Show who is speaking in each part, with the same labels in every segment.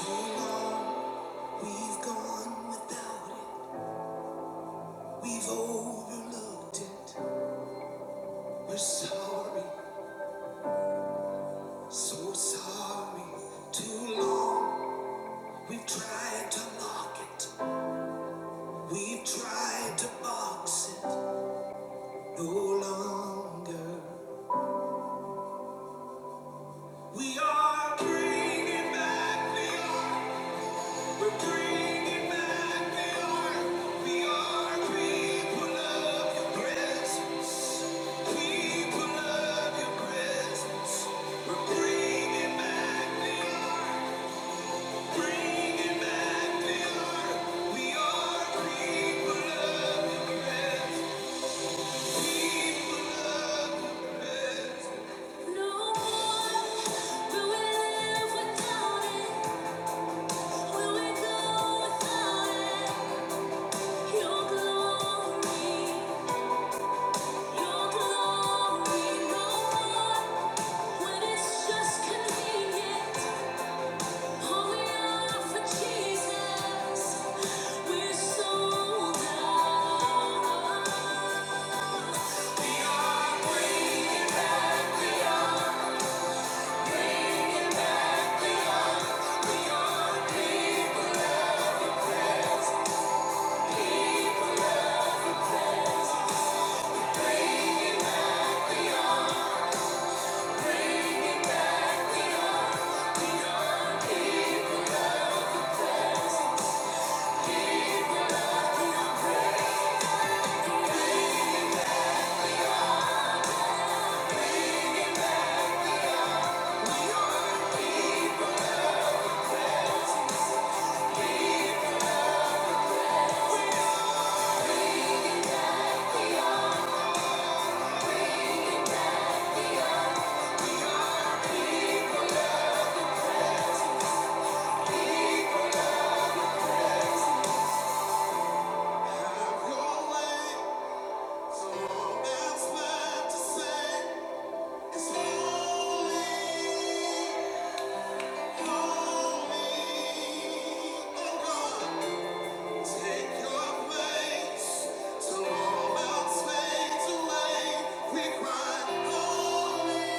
Speaker 1: Too long we've gone without it. We've overlooked it. We're sorry, so sorry. Too long we've tried to lock it. We've tried to box it. No longer. We are bringing back the old. Where we live without it, where we go without it. Holy, holy, oh God. Take your place till all else fades away. We cry, holy,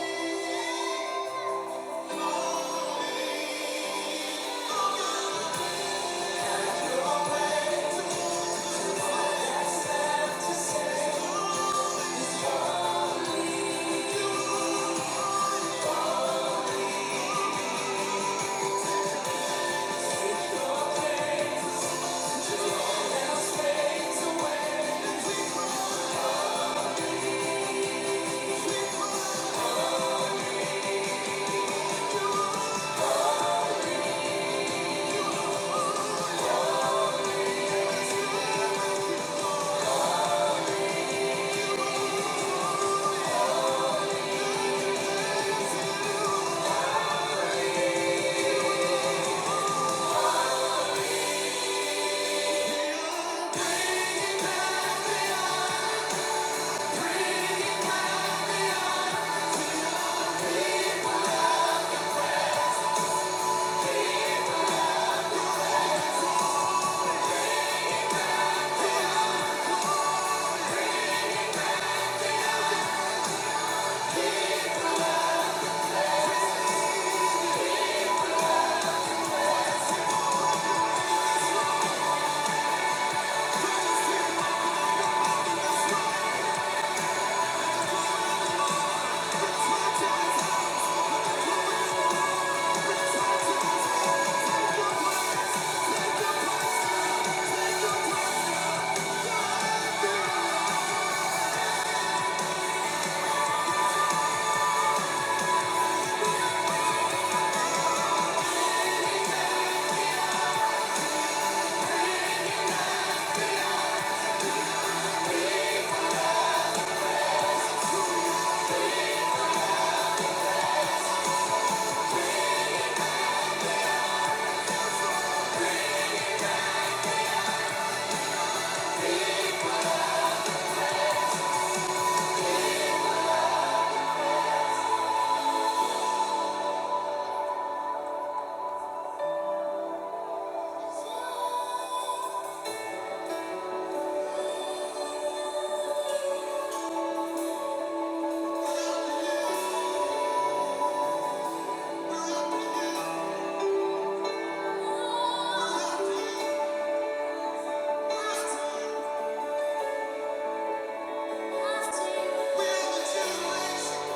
Speaker 1: holy.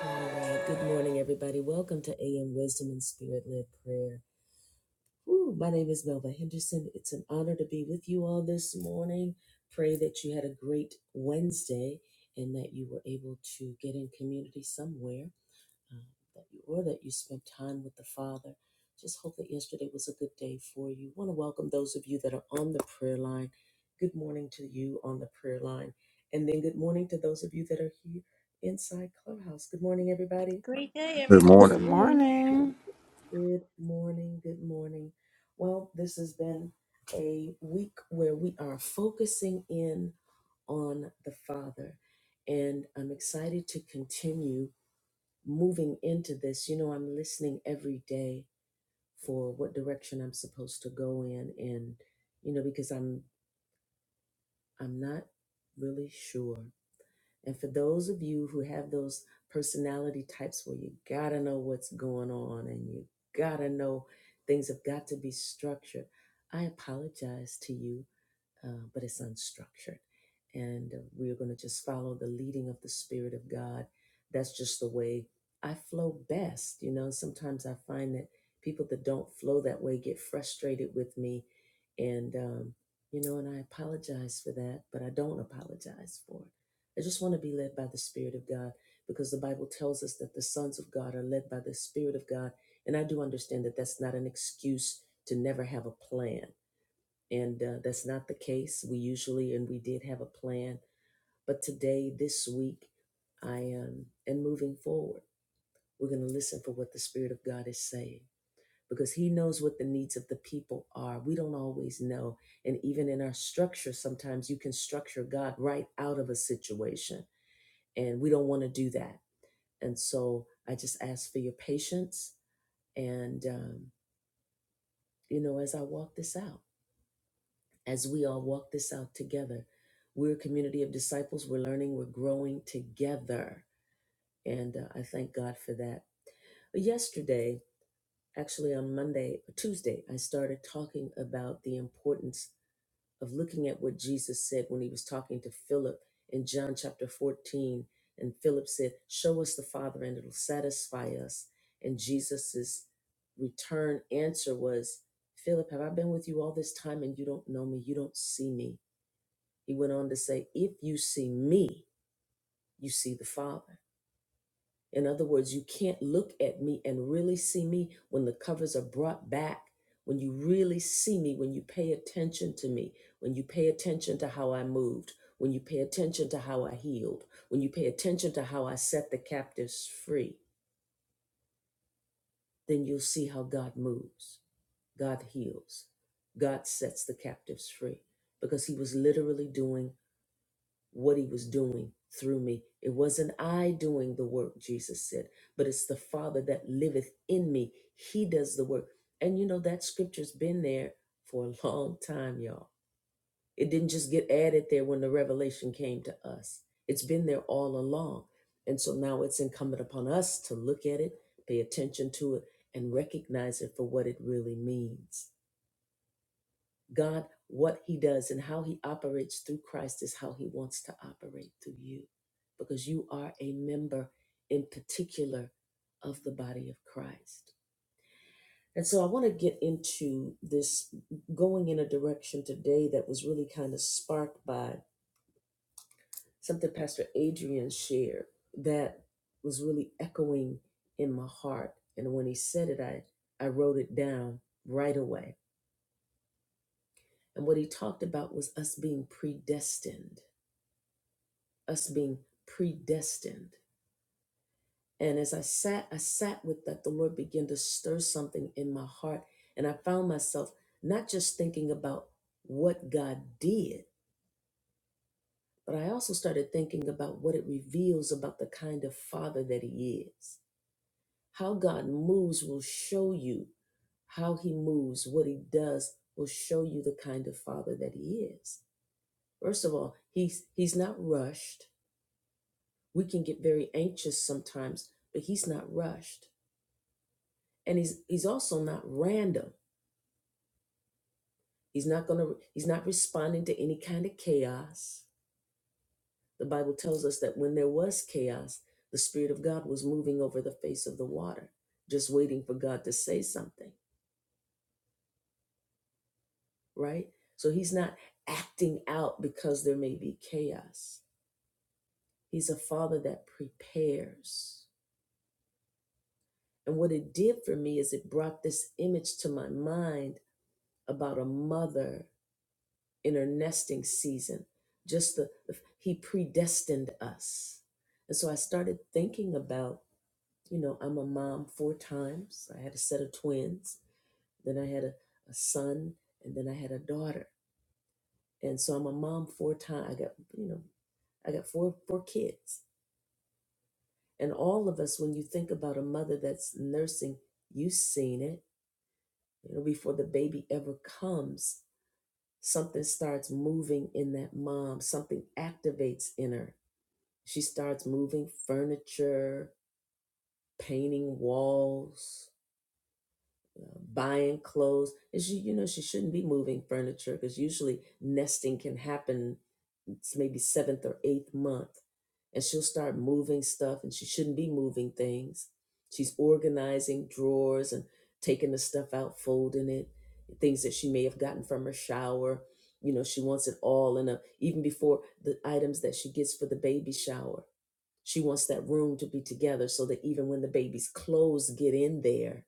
Speaker 1: All right. Good morning, everybody. Welcome to AM Wisdom and Spirit Led Prayer. Ooh, my name is Melva Henderson. It's an honor to be with you all this morning. Pray that you had a great Wednesday and that you were able to get in community somewhere, um, that you or that you spent time with the Father. Just hope that yesterday was a good day for you. Want to welcome those of you that are on the prayer line. Good morning to you on the prayer line, and then good morning to those of you that are here inside Clubhouse. Good morning, everybody.
Speaker 2: Great day,
Speaker 3: Good
Speaker 2: everyone.
Speaker 4: Good
Speaker 5: Good
Speaker 3: morning.
Speaker 4: morning.
Speaker 5: morning.
Speaker 1: Good morning. Good morning. Well, this has been a week where we are focusing in on the Father, and I'm excited to continue moving into this. You know, I'm listening every day for what direction I'm supposed to go in, and you know, because I'm I'm not really sure and for those of you who have those personality types where you gotta know what's going on and you gotta know things have got to be structured, I apologize to you uh, but it's unstructured. And uh, we are going to just follow the leading of the Spirit of God. That's just the way I flow best. You know, sometimes I find that people that don't flow that way get frustrated with me. And, um, you know, and I apologize for that, but I don't apologize for it. I just want to be led by the Spirit of God because the Bible tells us that the sons of God are led by the Spirit of God. And I do understand that that's not an excuse to never have a plan and uh, that's not the case. We usually, and we did have a plan. But today, this week, I am, and moving forward, we're going to listen for what the Spirit of God is saying because He knows what the needs of the people are. We don't always know. And even in our structure, sometimes you can structure God right out of a situation, and we don't want to do that. And so I just ask for your patience. And, um, you know, as I walk this out, as we all walk this out together. We're a community of disciples. We're learning, we're growing together. And uh, I thank God for that. Yesterday, actually on Monday, Tuesday, I started talking about the importance of looking at what Jesus said when he was talking to Philip in John chapter 14. And Philip said, Show us the Father and it'll satisfy us. And Jesus's return answer was, Philip, have I been with you all this time and you don't know me? You don't see me. He went on to say, If you see me, you see the Father. In other words, you can't look at me and really see me when the covers are brought back, when you really see me, when you pay attention to me, when you pay attention to how I moved, when you pay attention to how I healed, when you pay attention to how I set the captives free, then you'll see how God moves, God heals, God sets the captives free, because He was literally doing what he was doing through me. It wasn't I doing the work, Jesus said, but it's the Father that liveth in me. He does the work. And you know, that scripture's been there for a long time, y'all. It didn't just get added there when the revelation came to us, it's been there all along. And so now it's incumbent upon us to look at it, pay attention to it, and recognize it for what it really means. God, what he does and how he operates through Christ is how he wants to operate through you because you are a member in particular of the body of Christ. And so I want to get into this going in a direction today that was really kind of sparked by something Pastor Adrian shared that was really echoing in my heart. And when he said it, I, I wrote it down right away. And what he talked about was us being predestined us being predestined. And as I sat, I sat with that, the Lord began to stir something in my heart. And I found myself not just thinking about what God did, but I also started thinking about what it reveals about the kind of father that he is. How God moves will show you how he moves, what he does will show you the kind of father that he is. First of all, he's he's not rushed. We can get very anxious sometimes, but he's not rushed and he's he's also not random he's not going to he's not responding to any kind of chaos the bible tells us that when there was chaos the spirit of god was moving over the face of the water just waiting for god to say something right so he's not acting out because there may be chaos he's a father that prepares and what it did for me is it brought this image to my mind about a mother in her nesting season. Just the, the he predestined us. And so I started thinking about, you know, I'm a mom four times. I had a set of twins, then I had a, a son, and then I had a daughter. And so I'm a mom four times. I got, you know, I got four four kids. And all of us, when you think about a mother that's nursing, you've seen it. You know, before the baby ever comes, something starts moving in that mom, something activates in her She starts moving furniture, painting walls, uh, buying clothes. And she, you know, she shouldn't be moving furniture because usually nesting can happen it's maybe seventh or eighth month. And she'll start moving stuff and she shouldn't be moving things. She's organizing drawers and taking the stuff out, folding it, things that she may have gotten from her shower. You know, she wants it all in a, even before the items that she gets for the baby shower she wants that room to be together so that even when the baby's clothes get in there,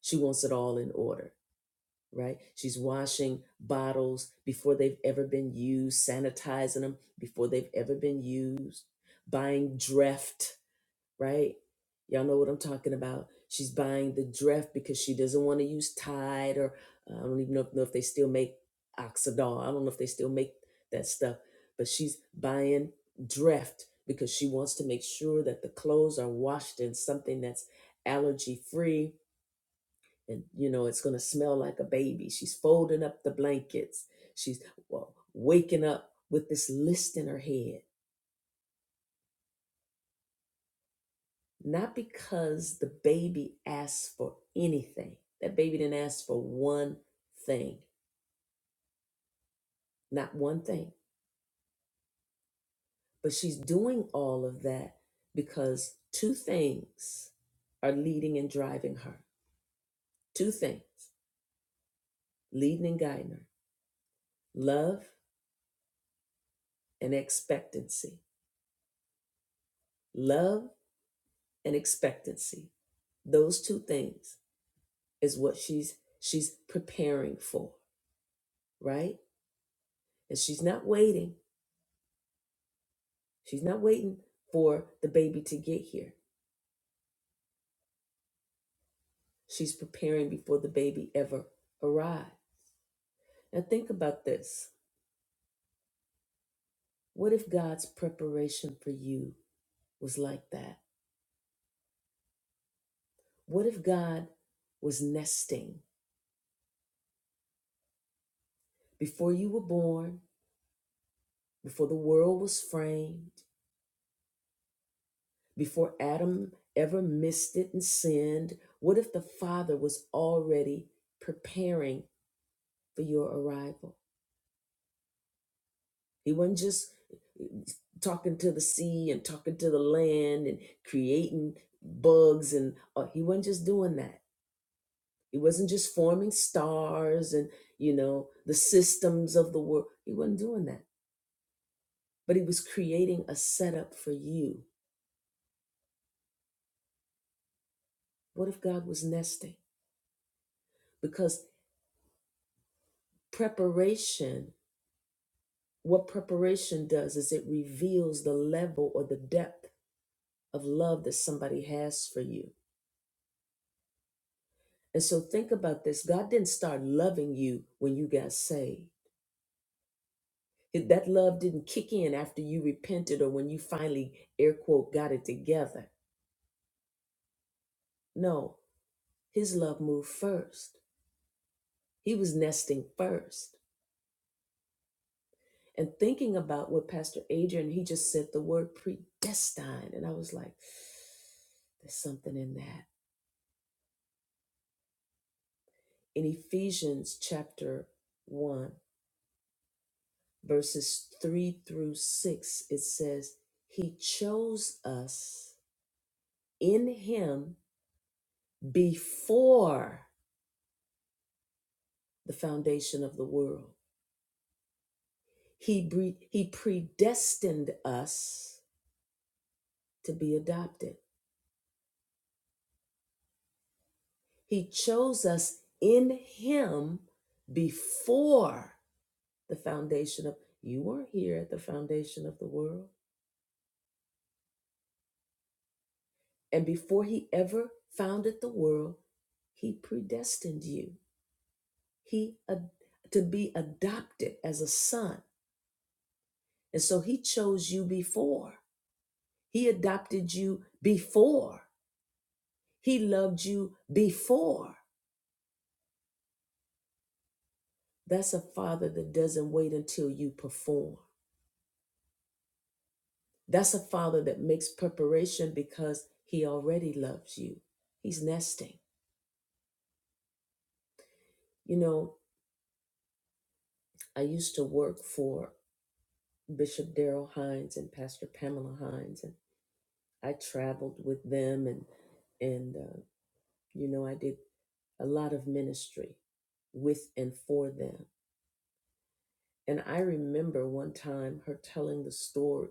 Speaker 1: she wants it all in order, right? She's washing bottles before they've ever been used, sanitizing them before they've ever been used, buying Dreft right? Y'all know what I'm talking about. She's buying the dress because she doesn't want to use Tide or uh, I don't even know, know if they still make Oxidol. I don't know if they still make that stuff, but she's buying Dreft because she wants to make sure that the clothes are washed in something that's allergy free and you know it's going to smell like a baby. She's folding up the blankets. She's well, waking up with this list in her head not because the baby asked for anything. That baby didn't ask for one thing, not one thing. But she's doing all of that because two things are leading and driving her. Two things leading and guiding her love and expectancy. Love and expectancy. Those two things is what she's she's preparing for, right? And she's not waiting. She's not waiting for the baby to get here. She's preparing before the baby ever arrived. Now, think about this. What if God's preparation for you was like that? What if God was nesting before you were born, before the world was framed, before Adam ever missed it and sinned? What if the Father was already preparing for your arrival? He wasn't just talking to the sea and talking to the land and creating bugs and uh, he wasn't just doing that he wasn't just forming stars and you know the systems of the world he wasn't doing that but he was creating a setup for you what if god was nesting because preparation what preparation does is it reveals the level or the depth of love that somebody has for you and so think about this god didn't start loving you when you got saved It- that love didn't kick in after you repented or when you finally air quote got it together no his love moved first he was nesting first and thinking about what pastor adrian he just said the word predestined and i was like there's something in that in ephesians chapter 1 verses 3 through 6 it says he chose us in him before the foundation of the world. He, bre- he predestined us to be adopted. He chose us in Him before the foundation of, you weren't here at the foundation of the world. And before He ever founded the world, He predestined you. He, ad- to be adopted as a son. And so He chose you before. He adopted you before He loved you before. That's a father that doesn't wait until you perform. That's a father that makes preparation because he already loves you. He's nesting. You know, I used to work for Bishop Darrell Hines and Pastor Pamela Hines, and I traveled with them, and and uh, you know, I did a lot of ministry with and for them. And I remember one time her telling the story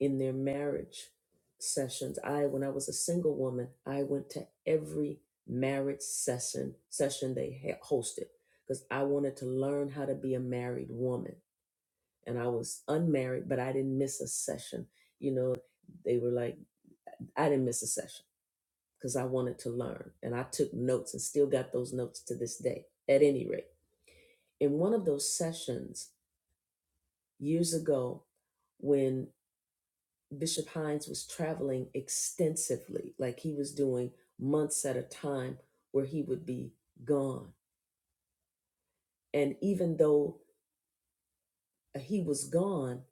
Speaker 1: in their marriage sessions. I, when I was a single woman, I went to every marriage session session they had hosted because I wanted to learn how to be a married woman. And I was unmarried, but I didn't miss a session. You know, they were like, I didn't miss a session because I wanted to learn. And I took notes and still got those notes to this day, at any rate. In one of those sessions years ago, when Bishop Hines was traveling extensively, like he was doing months at a time where he would be gone. And even though he was gone,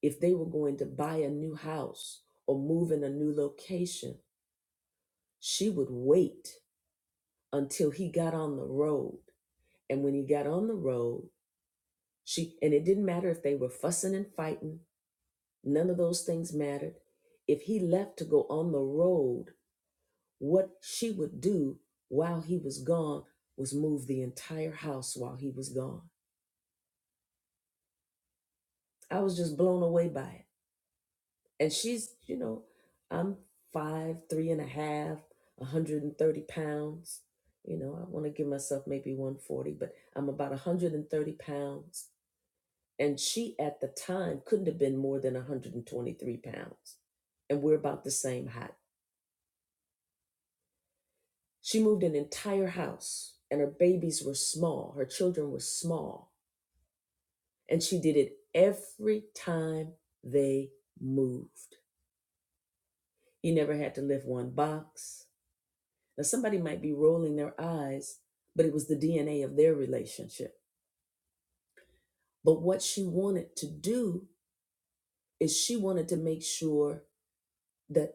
Speaker 1: if they were going to buy a new house or move in a new location, she would wait until he got on the road. And when he got on the road, she, and it didn't matter if they were fussing and fighting, none of those things mattered. If he left to go on the road, What she would do while he was gone was move the entire house while he was gone. I was just blown away by it. And she's, you know, I'm five, three and a half, 130 pounds. You know, I want to give myself maybe 140, but I'm about 130 pounds. And she at the time couldn't have been more than 123 pounds. And we're about the same height. She moved an entire house, and her babies were small. Her children were small And she did it every time they moved. He never had to lift one box. Now, somebody might be rolling their eyes, but it was the DNA of their relationship. But what she wanted to do is she wanted to make sure that,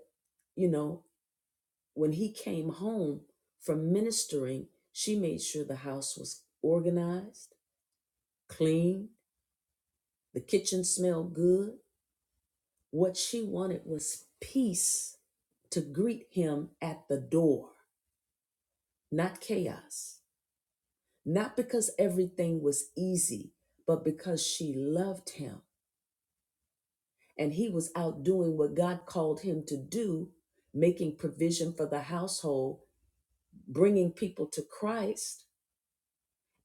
Speaker 1: you know, when he came home from ministering, she made sure the house was organized, clean, the kitchen smelled good, What she wanted was peace to greet him at the door, not chaos. Not because everything was easy, but because she loved him and he was out doing what God called him to do, making provision for the household, bringing people to Christ.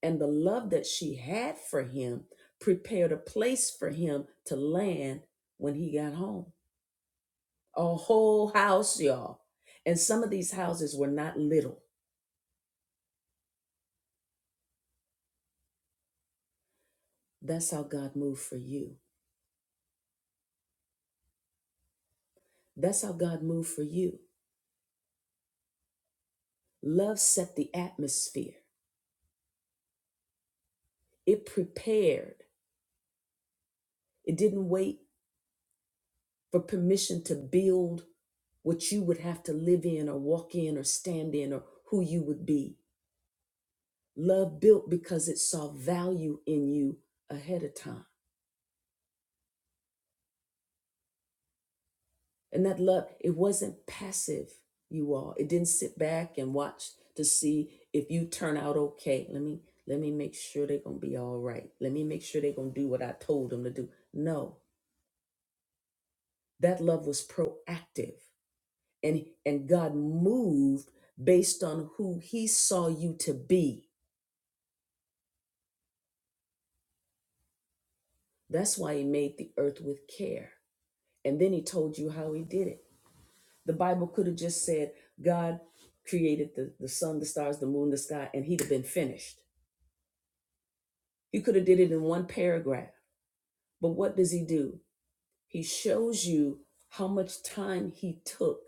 Speaker 1: And the love that she had for him prepared a place for him to land when he got home. a whole house, y'all. And some of these houses were not little. That's how God moved for you. That's how God moved for you. Love set the atmosphere, it prepared, it didn't wait for permission to build what you would have to live in or walk in or stand in or who you would be. Love built because it saw value in you ahead of time. And that love, it wasn't passive, you all. It didn't sit back and watch to see if you turn out okay. Let me let me make sure they're gonna be all right. Let me make sure they're gonna do what I told them to do. No, that love was proactive. And and God moved based on who he saw you to be. That's why he made the earth with care. And then he told you how he did it. The Bible could have just said, God created the, the sun, the stars, the moon, the sky, and he'd have been finished. He could have did it in one paragraph. But what does he do? He shows you how much time he took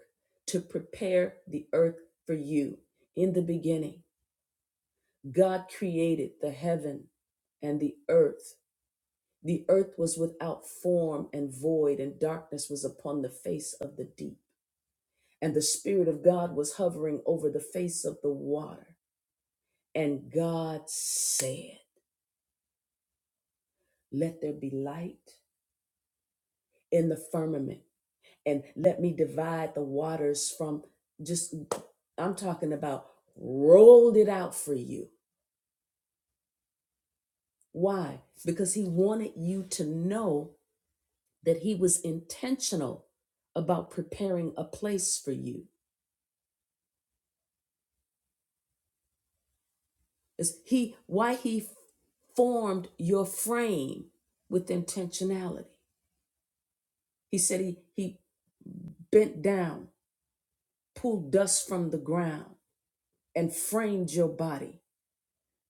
Speaker 1: to prepare the earth for you. In the beginning, God created the heaven and the earth. The earth was without form and void, and darkness was upon the face of the deep. And the Spirit of God was hovering over the face of the water. And God said, Let there be light. in the firmament and let me divide the waters from just I'm talking about rolled it out for you. Why? Because he wanted you to know that he was intentional about preparing a place for you. Is he why he formed your frame with intentionality. He said he he bent down, pulled dust from the ground and framed your body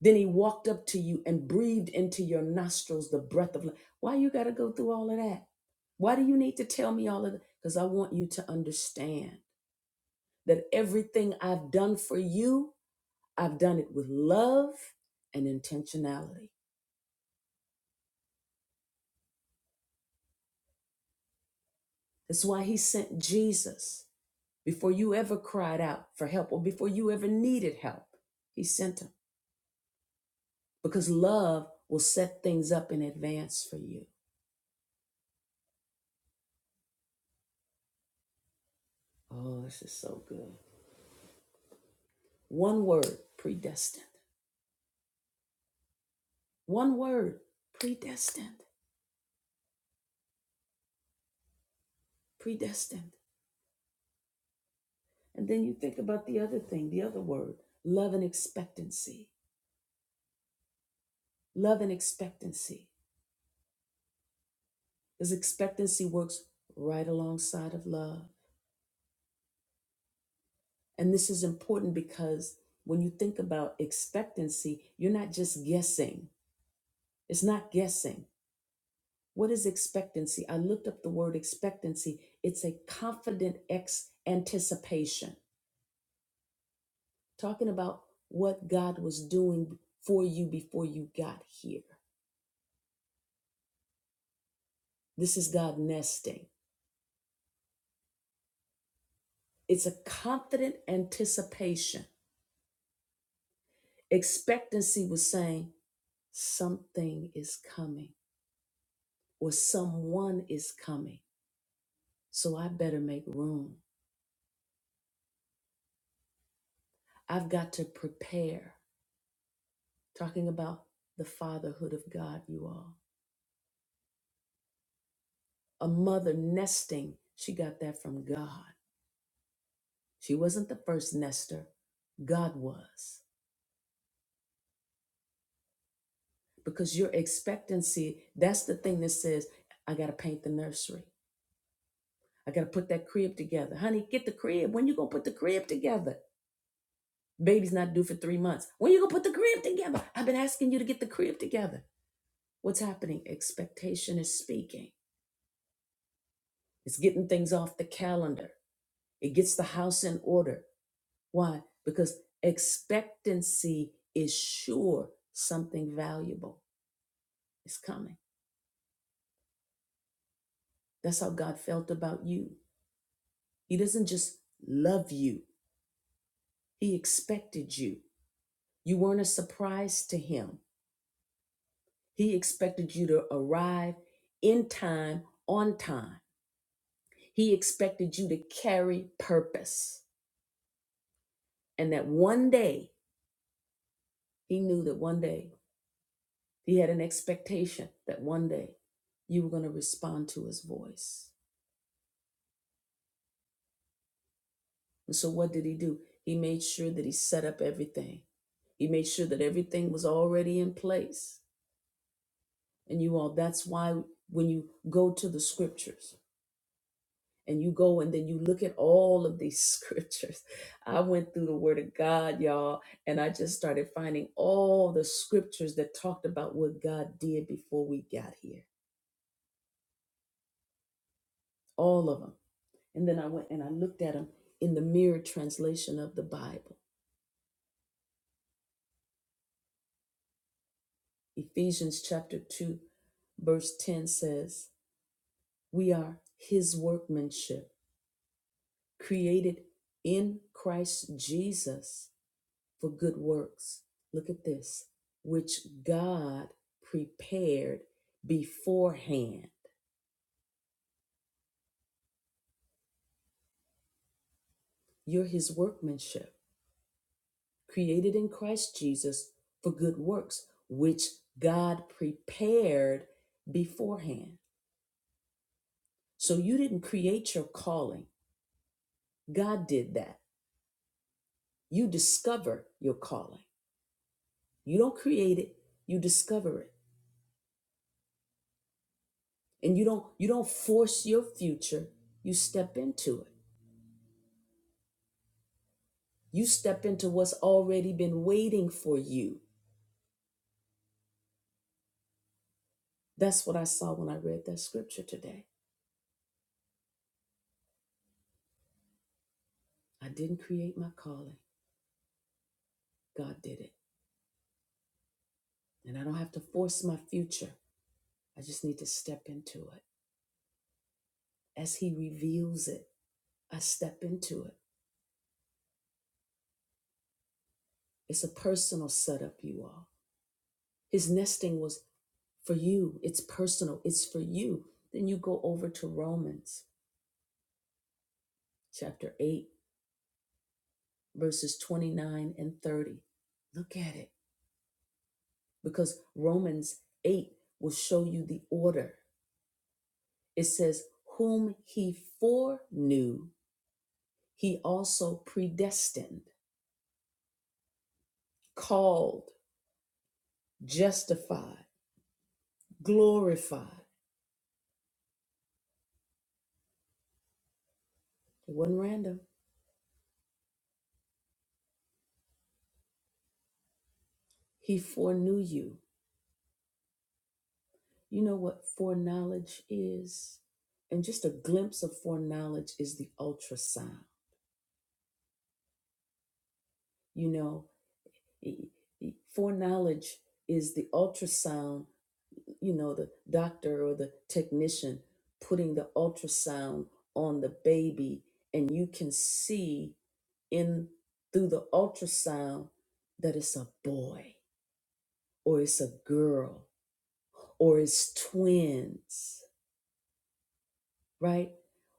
Speaker 1: Then he walked up to you and breathed into your nostrils the breath of life. Why you got to go through all of that? Why do you need to tell me all of that? Because I want you to understand that everything I've done for you, I've done it with love and intentionality. That's why he sent Jesus before you ever cried out for help or before you ever needed help. He sent him because love will set things up in advance for you. Oh, this is so good. One word predestined. One word, predestined, predestined. And then you think about the other thing, the other word, love and expectancy. Love and expectancy. Because expectancy works right alongside of love. And this is important because when you think about expectancy, you're not just guessing. It's not guessing. What is expectancy? I looked up the word expectancy. It's a confident ex anticipation. talking about what God was doing for you before you got here. This is God nesting. It's a confident anticipation. Expectancy was saying, something is coming or someone is coming. So I better make room. I've got to prepare. Talking about the fatherhood of God, you all. A mother nesting, she got that from God. She wasn't the first nester, God was. because your expectancy that's the thing that says i gotta paint the nursery i gotta put that crib together honey get the crib when you gonna put the crib together baby's not due for three months when you gonna put the crib together i've been asking you to get the crib together what's happening expectation is speaking it's getting things off the calendar it gets the house in order why because expectancy is sure something valuable is coming that's how god felt about you He doesn't just love you, He expected you. You weren't a surprise to Him. He expected you to arrive in time, on time. He expected you to carry purpose. And that one day, He knew that one day, He had an expectation that one day you were going to respond to His voice. And so, what did He do? He made sure that He set up everything, He made sure that everything was already in place And you all, that's why when you go to the scriptures and you go and then you look at all of these scriptures, I went through the word of God, y'all, and I just started finding all the scriptures that talked about what God did before we got here, all of them. And then I went and I looked at them in the mirror translation of the Bible. Ephesians chapter 2, verse 10 says, We are his workmanship, created in Christ Jesus for good works. Look at this, which God prepared beforehand. You're his workmanship, created in Christ Jesus for good works, which God prepared beforehand. So you didn't create your calling, God did that. You discover your calling. You don't create it, you discover it. And you don't you don't force your future, you step into it. You step into what's already been waiting for you. That's what I saw when I read that scripture today. I didn't create my calling, God did it. And I don't have to force my future. I just need to step into it. As He reveals it, I step into it. It's a personal setup, you all. His nesting was for you, it's personal, it's for you. Then you go over to Romans chapter 8, verses 29 and 30. Look at it. because Romans 8 will show you the order. It says, Whom he foreknew, he also predestined, called, justified, glorified. It wasn't random. He foreknew you. You know what foreknowledge is? And just a glimpse of foreknowledge is the ultrasound. You know, e- e- foreknowledge is the ultrasound you know, the doctor or the technician putting the ultrasound on the baby, and you can see in through the ultrasound that it's a boy or it's a girl or it's twins, right?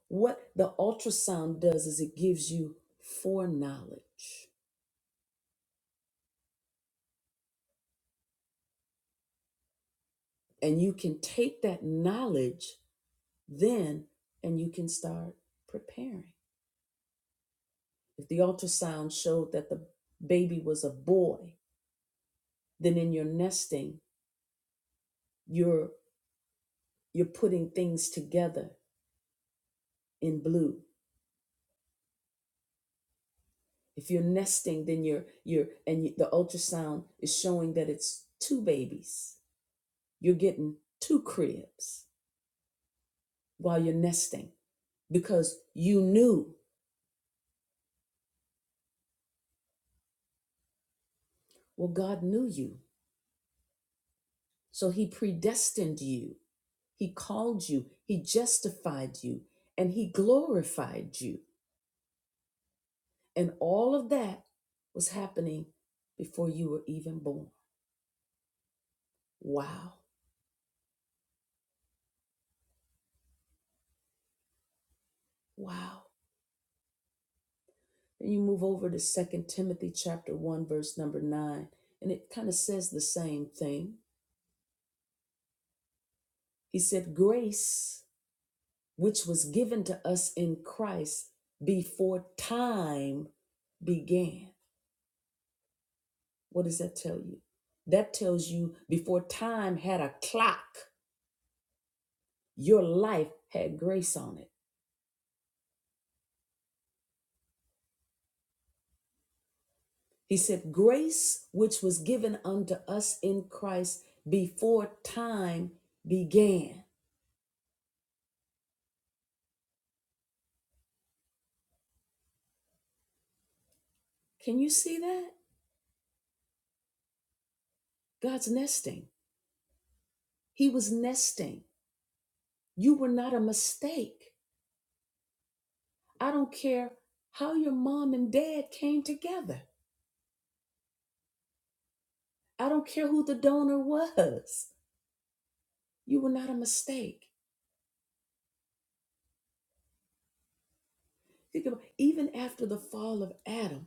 Speaker 1: What the ultrasound does is it gives you foreknowledge, and you can take that knowledge then and you can start preparing. If the ultrasound showed that the baby was a boy, then in your nesting, you're you're putting things together in blue. If you're nesting, then you're you're and the ultrasound is showing that it's two babies. You're getting two cribs while you're nesting because you knew. Well, God knew you. So he predestined you. He called you. He justified you and he glorified you And all of that was happening before you were even born. Wow. Wow. Then you move over to Second Timothy chapter 1 verse number 9 and it kind of says the same thing. He said grace which was given to us in Christ before time began. What does that tell you? That tells you before time had a clock, your life had grace on it. He said, Grace which was given unto us in Christ before time began. Can you see that? God's nesting. He was nesting. You were not a mistake. I don't care how your mom and dad came together. I don't care who the donor was. You were not a mistake. Think about even after the fall of Adam,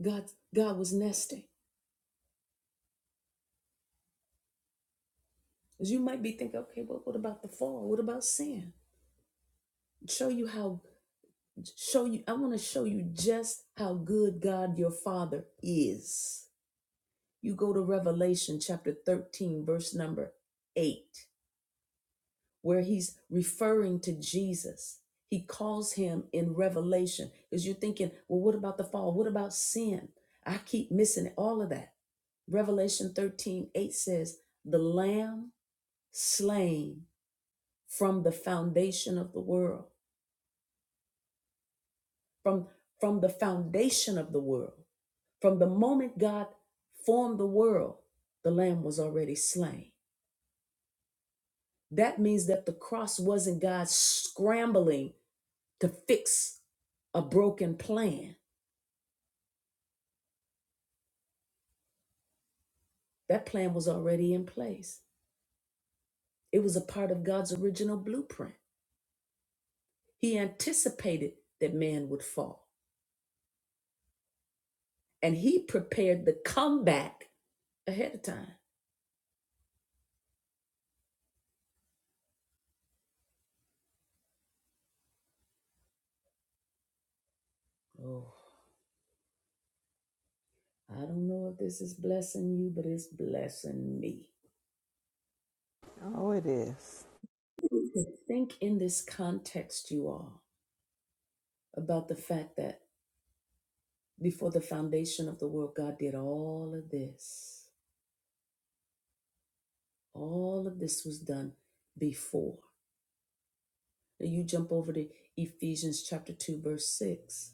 Speaker 1: God, God was nesting. As you might be thinking, okay, well, what about the fall? What about sin? show you how show you i want to show you just how good god your father is you go to revelation chapter 13 verse number 8 where he's referring to jesus he calls him in revelation because you're thinking well what about the fall what about sin i keep missing all of that revelation 13 8 says the lamb slain from the foundation of the world from from the foundation of the world From the moment God formed the world, the lamb was already slain. That means that the cross wasn't God scrambling to fix a broken plan. That plan was already in place. It was a part of God's original blueprint. He anticipated that man would fall, and he prepared the comeback ahead of time. Oh, I don't know if this is blessing you, but it's blessing me.
Speaker 5: Oh, it is.
Speaker 1: To think in this context, you all about the fact that before the foundation of the world, God did all of this. All of this was done before. Now you jump over to Ephesians chapter 2, verse 6.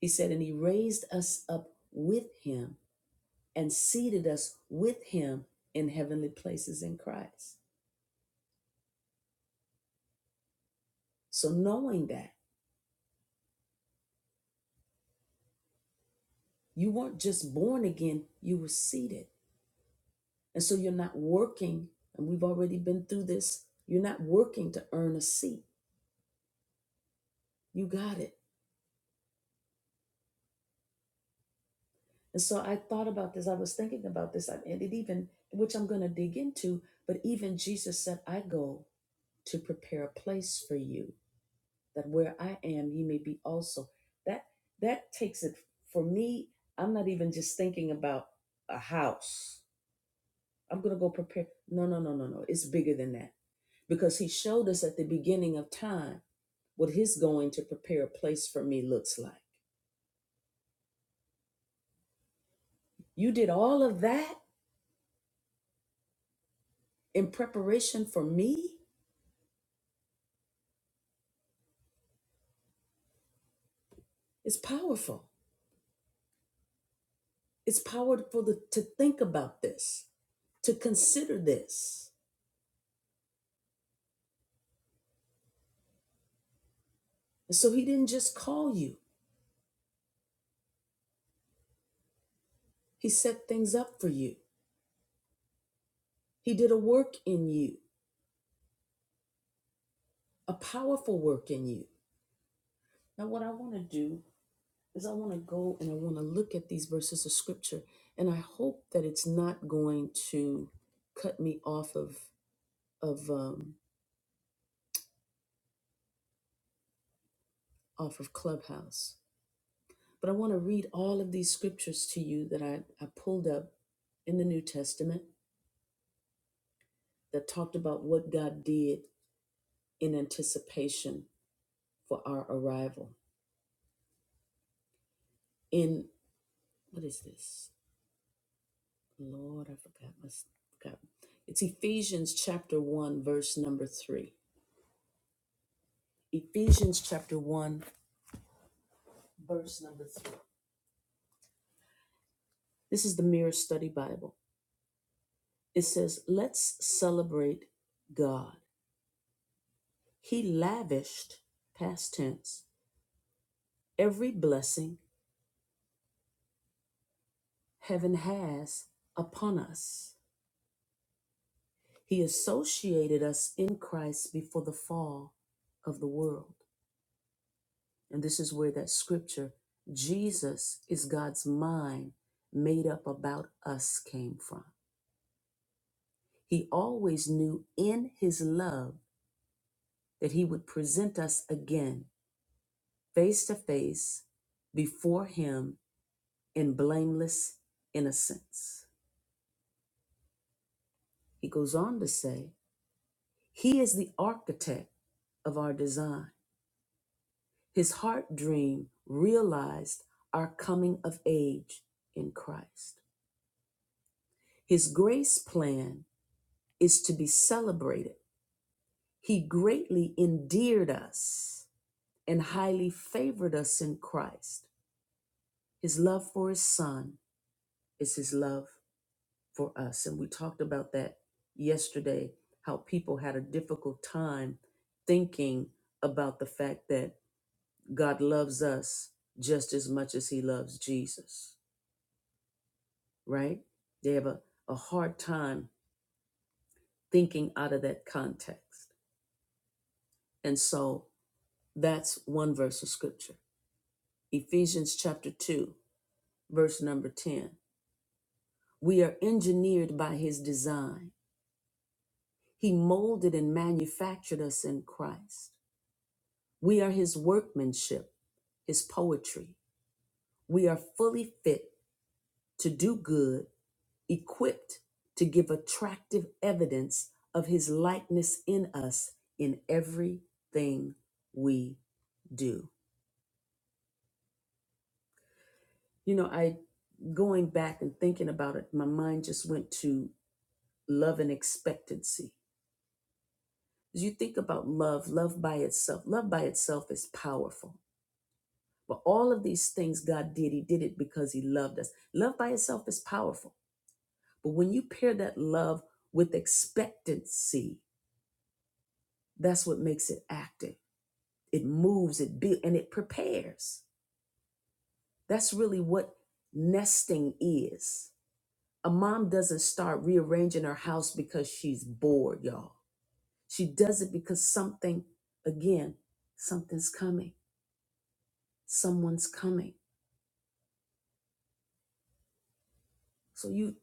Speaker 1: He said, And he raised us up with him and seated us with him in heavenly places in Christ. So knowing that you weren't just born again, you were seated. And so you're not working, and we've already been through this, you're not working to earn a seat. You got it. And so I thought about this. I was thinking about this. I- And it even, which I'm going to dig into, but even Jesus said, I go to prepare a place for you, that where I am, you may be also. That that takes it for me. I'm not even just thinking about a house. I'm going to go prepare. No, no, no, no, no. It's bigger than that. Because he showed us at the beginning of time what his going to prepare a place for me looks like. You did all of that in preparation for me? It's powerful. It's powerful to, to think about this, to consider this. And so he didn't just call you, he set things up for you. He did a work in you, a powerful work in you. Now, what I want to do is I want to go and I want to look at these verses of scripture, and I hope that it's not going to cut me off of of um, off of Clubhouse. But I want to read all of these scriptures to you that I, I pulled up in the New Testament that talked about what God did in anticipation for our arrival. In what is this? Lord, I forgot. I s- forgot. It's Ephesians chapter 1, verse number 3. Ephesians chapter 1, verse number 3. This is the Mirror Study Bible. It says, Let's celebrate God. He lavished, past tense, every blessing heaven has upon us He associated us in Christ before the fall of the world. And this is where that scripture, Jesus is God's mind made up about us, came from. He always knew in his love that he would present us again, face to face, before him in blameless innocence. He goes on to say, He is the architect of our design His heart dream realized our coming of age in Christ. His grace plan is to be celebrated. He greatly endeared us and highly favored us in Christ. His love for his son is his love for us. And we talked about that yesterday, how people had a difficult time thinking about the fact that God loves us just as much as he loves Jesus right? They have a, a hard time thinking out of that context. And so that's one verse of scripture. Ephesians chapter 2, verse number 10. We are engineered by his design. He molded and manufactured us in Christ. We are his workmanship, his poetry. We are fully fit to do good equipped to give attractive evidence of his likeness in us in everything we do. You know, I going back and thinking about it, my mind just went to love and expectancy. As you think about love, love by itself, love by itself is powerful. But all of these things God did, He did it because He loved us. Love by itself is powerful. But when you pair that love with expectancy, that's what makes it active. it moves it builds and it prepares that's really what nesting is a mom doesn't start rearranging her house because she's bored y'all she does it because something again something's coming someone's coming so you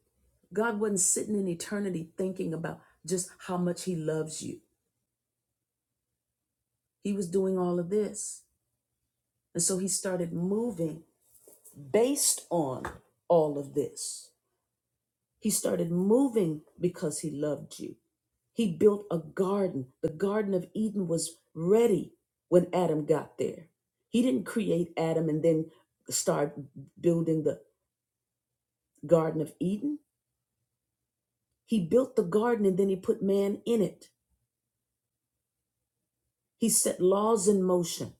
Speaker 1: god wasn't sitting in eternity thinking about just how much he loves you he was doing all of this and so he started moving based on all of this he started moving because he loved you He built a garden. The Garden of Eden was ready when Adam got there. He didn't create Adam and then start building the Garden of Eden. He built the garden and then he put man in it. He set laws in motion.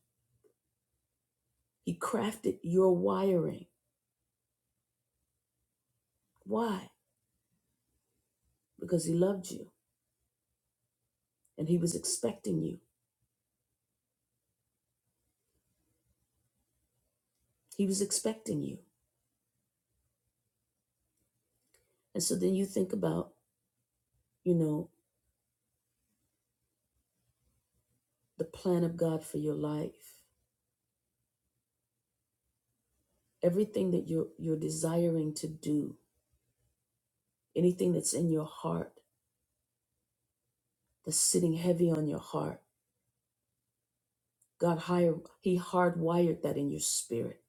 Speaker 1: He crafted your wiring. Why? Because he loved you and he was expecting you. He was expecting you. And so then you think about, you know, the plan of God for your life, everything that you're, you're desiring to do Anything that's in your heart, that's sitting heavy on your heart, God higher, He hardwired that in your spirit.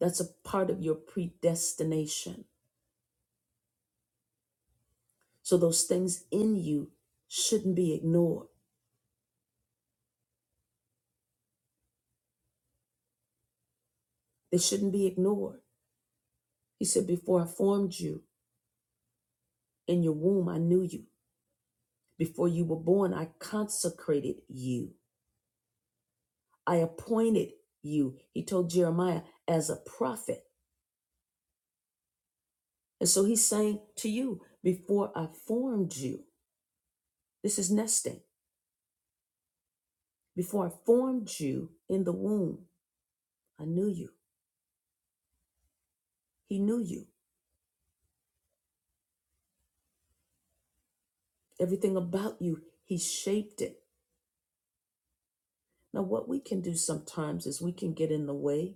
Speaker 1: That's a part of your predestination. So those things in you shouldn't be ignored. They shouldn't be ignored. He said, Before I formed you in your womb, I knew you. Before you were born, I consecrated you. I appointed you, he told Jeremiah, as a prophet. And so he's saying to you, Before I formed you, this is nesting. Before I formed you in the womb, I knew you. He knew you. Everything about you, He shaped it. Now, what we can do sometimes is we can get in the way.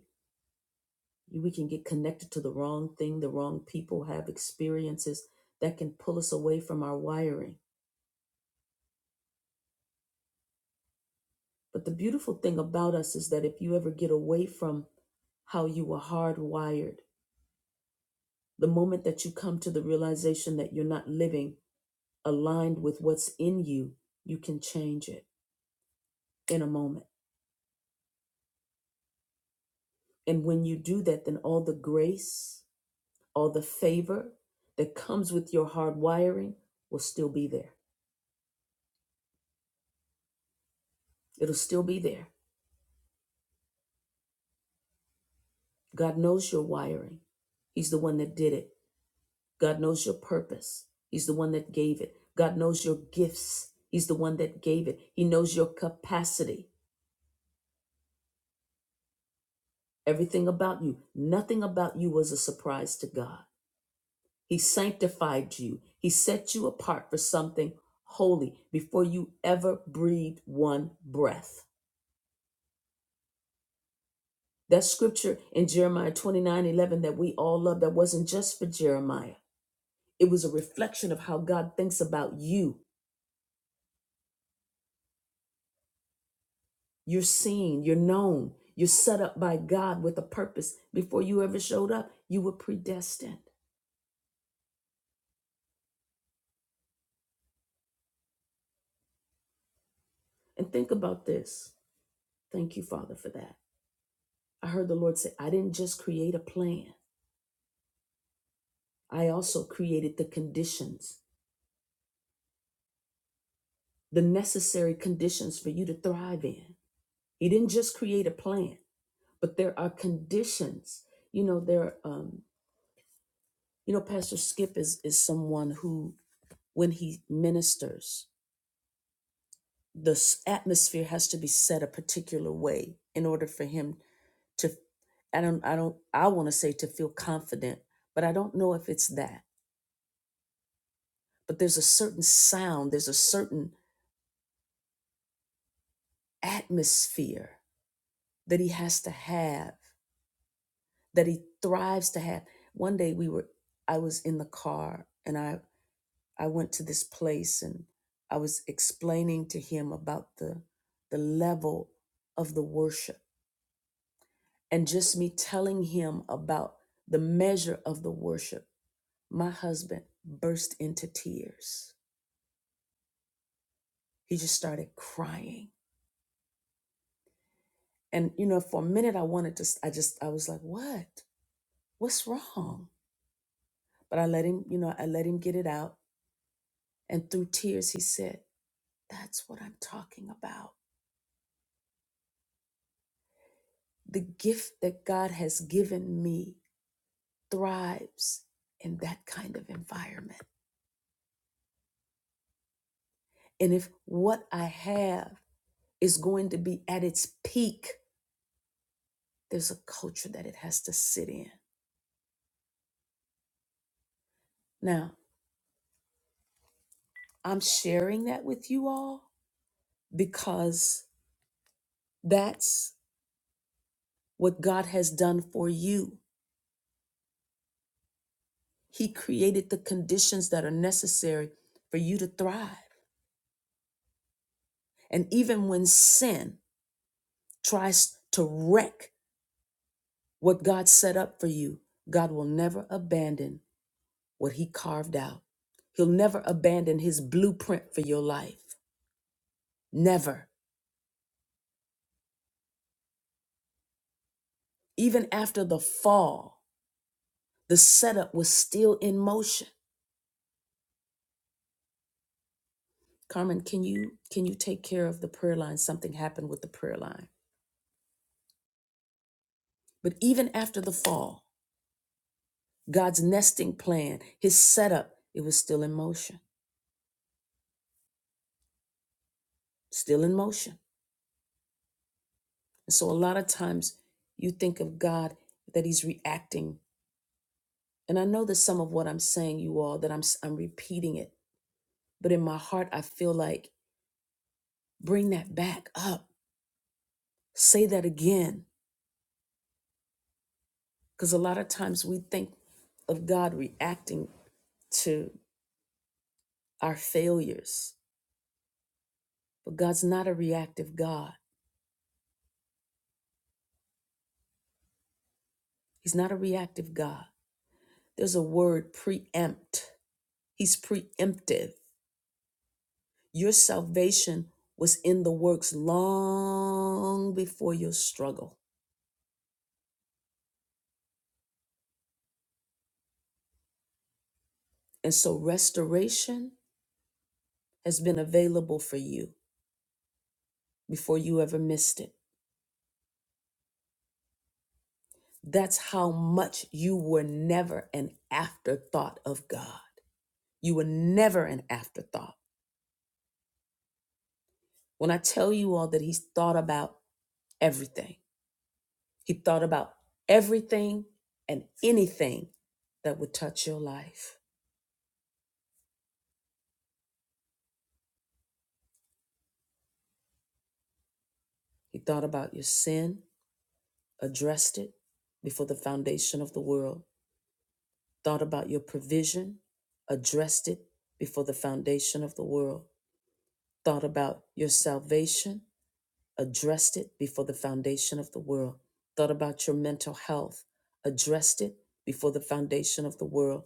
Speaker 1: We can get connected to the wrong thing, the wrong people, have experiences that can pull us away from our wiring. But the beautiful thing about us is that if you ever get away from how you were hardwired, the moment that you come to the realization that you're not living aligned with what's in you, you can change it in a moment And when you do that, then all the grace, all the favor that comes with your hard wiring will still be there. It'll still be there. God knows your wiring. He's the one that did it. God knows your purpose. He's the one that gave it. God knows your gifts. He's the one that gave it. He knows your capacity. Everything about you. Nothing about you was a surprise to God. He sanctified you. He set you apart for something holy before you ever breathed one breath. That scripture in Jeremiah 29 11 that we all love, that wasn't just for Jeremiah. It was a reflection of how God thinks about you. You're seen, you're known, you're set up by God with a purpose. Before you ever showed up, you were predestined. And think about this. Thank you, Father, for that. I heard the Lord say, I didn't just create a plan, I also created the conditions the necessary conditions for you to thrive in. He didn't just create a plan, but there are conditions. You know, there. Um, you know, Pastor Skip is is someone who, when he ministers, the s- atmosphere has to be set a particular way in order for him to. I don't. I don't. I want to say to feel confident, but I don't know if it's that. But there's a certain sound. There's a certain atmosphere that he has to have that he thrives to have. One day we were I was in the car and I I went to this place and I was explaining to him about the the level of the worship and just me telling him about the measure of the worship. My husband burst into tears. He just started crying. And you know, for a minute I wanted to I just I was like, "What? What's wrong?" But I let him, you know, I let him get it out and through tears he said, That's what I'm talking about. The gift that God has given me thrives in that kind of environment. And if what I have is going to be at its peak, there's a culture that it has to sit in. Now, I'm sharing that with you all because that's what God has done for you. He created the conditions that are necessary for you to thrive. And even when sin tries to wreck What God set up for you, God will never abandon what He carved out. He'll never abandon His blueprint for your life. Never. Even after the fall, the setup was still in motion. Carmen, can you can you take care of the prayer line? Something happened with the prayer line. But even after the fall, God's nesting plan, his setup, it was still in motion. Still in motion. And so a lot of times you think of God that he's reacting And I know that some of what I'm saying, you all, that I'm s- I'm repeating it, but in my heart, I feel like bring that back up, say that again, because a lot of times we think of God reacting to our failures, but God's not a reactive God. He's not a reactive God. There's a word preempt. He's preemptive. Your salvation was in the works long before your struggle. And so restoration has been available for you before you ever missed it. That's how much you were never an afterthought of God. You were never an afterthought. When I tell you all that He's thought about everything, He thought about everything and anything that would touch your life. He thought about your sin, addressed it before the foundation of the world, thought about your provision, addressed it before the foundation of the world thought about your salvation, addressed it before the foundation of the world, thought about your mental health, addressed it before the foundation of the world,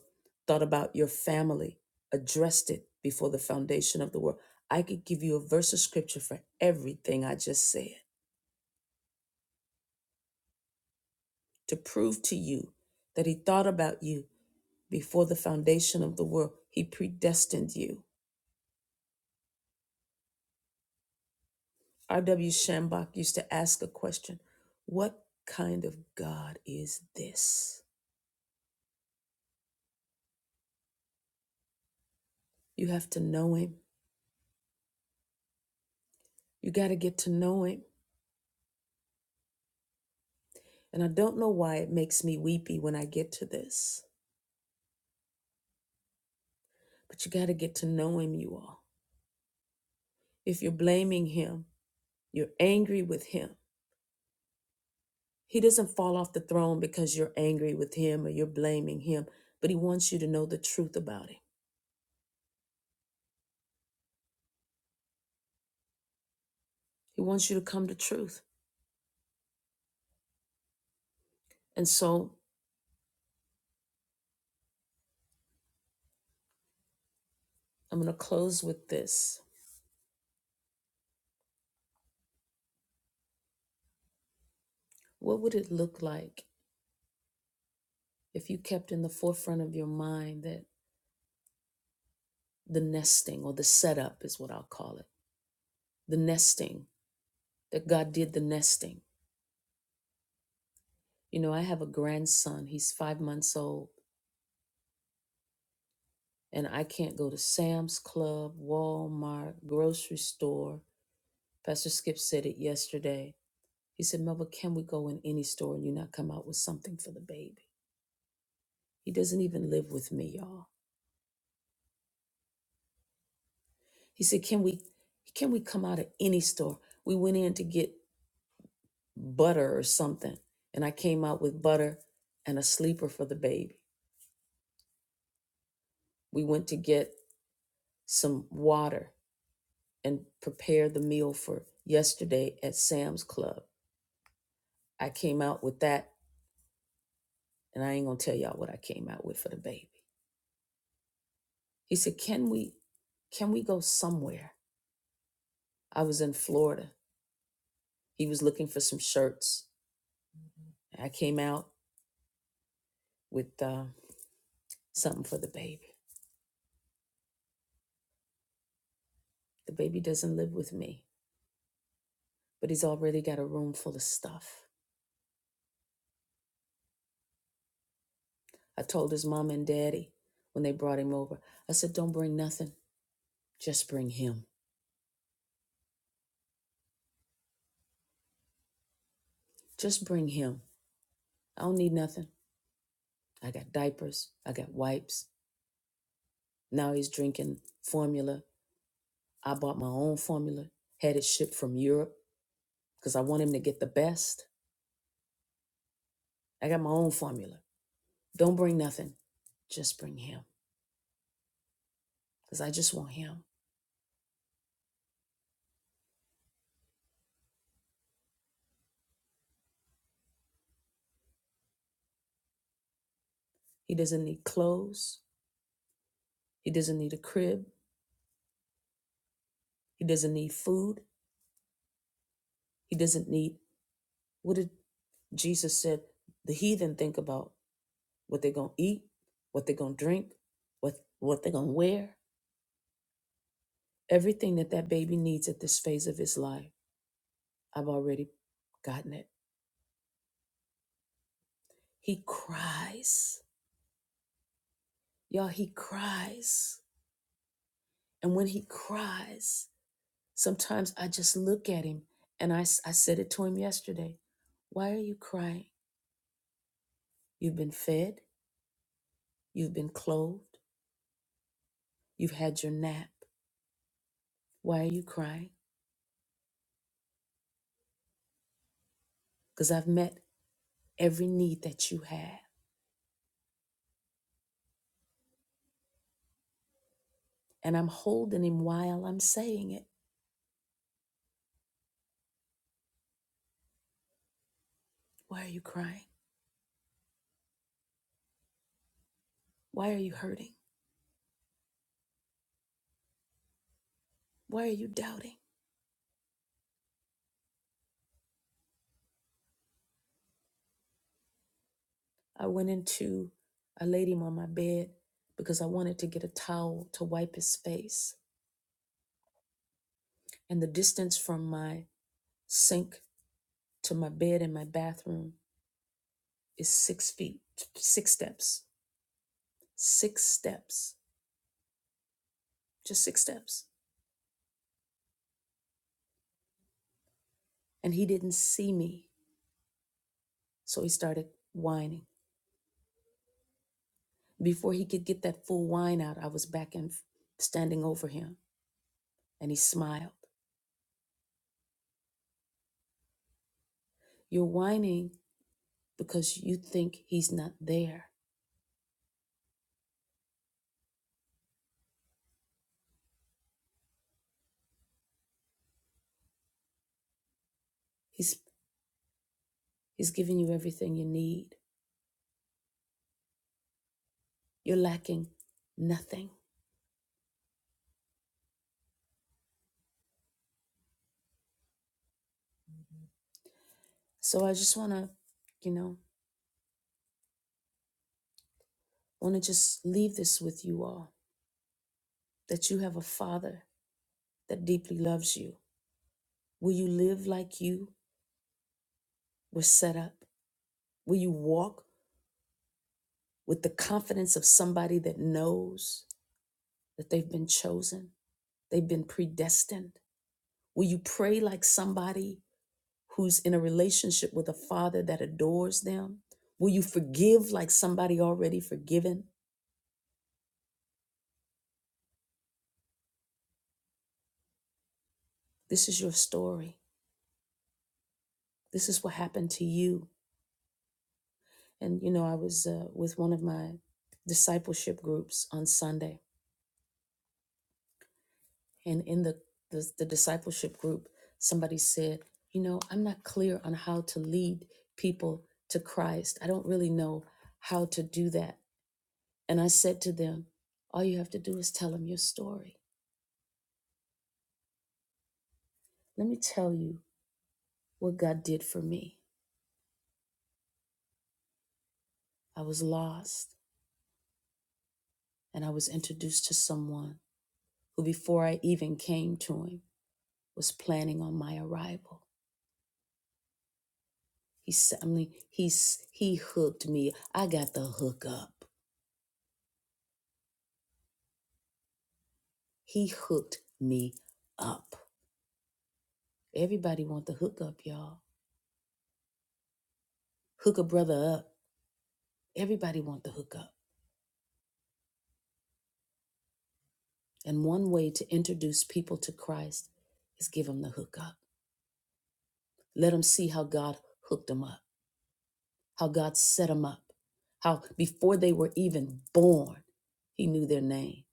Speaker 1: thought about your family, addressed it before the foundation of the world. I could give you a verse of scripture for everything I just said to prove to you that He thought about you before the foundation of the world. He predestined you. R.W. Shambach used to ask a question What kind of God is this? You have to know him. You got to get to know him. And I don't know why it makes me weepy when I get to this, but you got to get to know him, you all. If you're blaming him, you're angry with him. He doesn't fall off the throne because you're angry with him or you're blaming him, but he wants you to know the truth about him. He wants you to come to truth. And so I'm going to close with this. What would it look like if you kept in the forefront of your mind that the nesting or the setup is what I'll call it? The nesting that God did the nesting. You know, I have a grandson, he's five months old, and I can't go to Sam's Club, Walmart, grocery store. Pastor Skip said it yesterday. He said, "Mother, can we go in any store and you not come out with something for the baby? He doesn't even live with me, y'all. He said, Can we can we come out of any store? We went in to get butter or something, and I came out with butter and a sleeper for the baby. We went to get some water and prepare the meal for yesterday at Sam's Club. I came out with that and I ain't gonna tell y'all what I came out with for the baby. He said, Can we can we go somewhere? I was in Florida. He was looking for some shirts. I came out with uh, something for the baby. The baby doesn't live with me, but he's already got a room full of stuff. I told his mom and daddy when they brought him over, I said, Don't bring nothing. Just bring him. Just bring him. I don't need nothing. I got diapers. I got wipes. Now he's drinking formula. I bought my own formula, had it shipped from Europe because I want him to get the best. I got my own formula. Don't bring nothing. Just bring him because I just want him. He doesn't need clothes. He doesn't need a crib. He doesn't need food. He doesn't need what did Jesus said? The heathen think about what they're going to eat, what they're going to drink, what, what they're going to wear, everything that that baby needs at this phase of his life. I've already gotten it. He cries. Y'all, he cries. And when he cries, sometimes I just look at him and I, s- I said it to him yesterday. Why are you crying? You've been fed, you've been clothed, you've had your nap. Why are you crying? Because I've met every need that you have. And I'm holding him while I'm saying it. Why are you crying? Why are you hurting? Why are you doubting? I went into I laid him on my bed because I wanted to get a towel to wipe his face. And the distance from my sink to my bed in my bathroom is six feet, six steps, six steps, just six steps. And he didn't see me. So he started whining. Before he could get that full whine out, I was back and standing over him. And he smiled. You're whining because you think he's not there. He's. He's giving you everything you need. You're lacking nothing. So I just want to, you know, want to just leave this with you all that you have a father that deeply loves you. Will you live like you were set up? Will you walk with the confidence of somebody that knows that they've been chosen, they've been predestined? Will you pray like somebody who's in a relationship with a father that adores them? Will you forgive like somebody already forgiven? This is your story. This is what happened to you. And, you know, I was uh, with one of my discipleship groups on Sunday. And in the, the, the discipleship group, somebody said, You know, I'm not clear on how to lead people to Christ. I don't really know how to do that. And I said to them, All you have to do is tell them your story. Let me tell you what God did for me. I was lost and I was introduced to someone who, before I even came to him, was planning on my arrival. He suddenly mean, he's he hooked me. I got the hookup. He hooked me up. Everybody want the hookup, y'all. Hook a brother up. Everybody want the hookup. And one way to introduce people to Christ is give them the hookup. Let them see how God hooked them up, how God set them up, how before they were even born, he knew their name.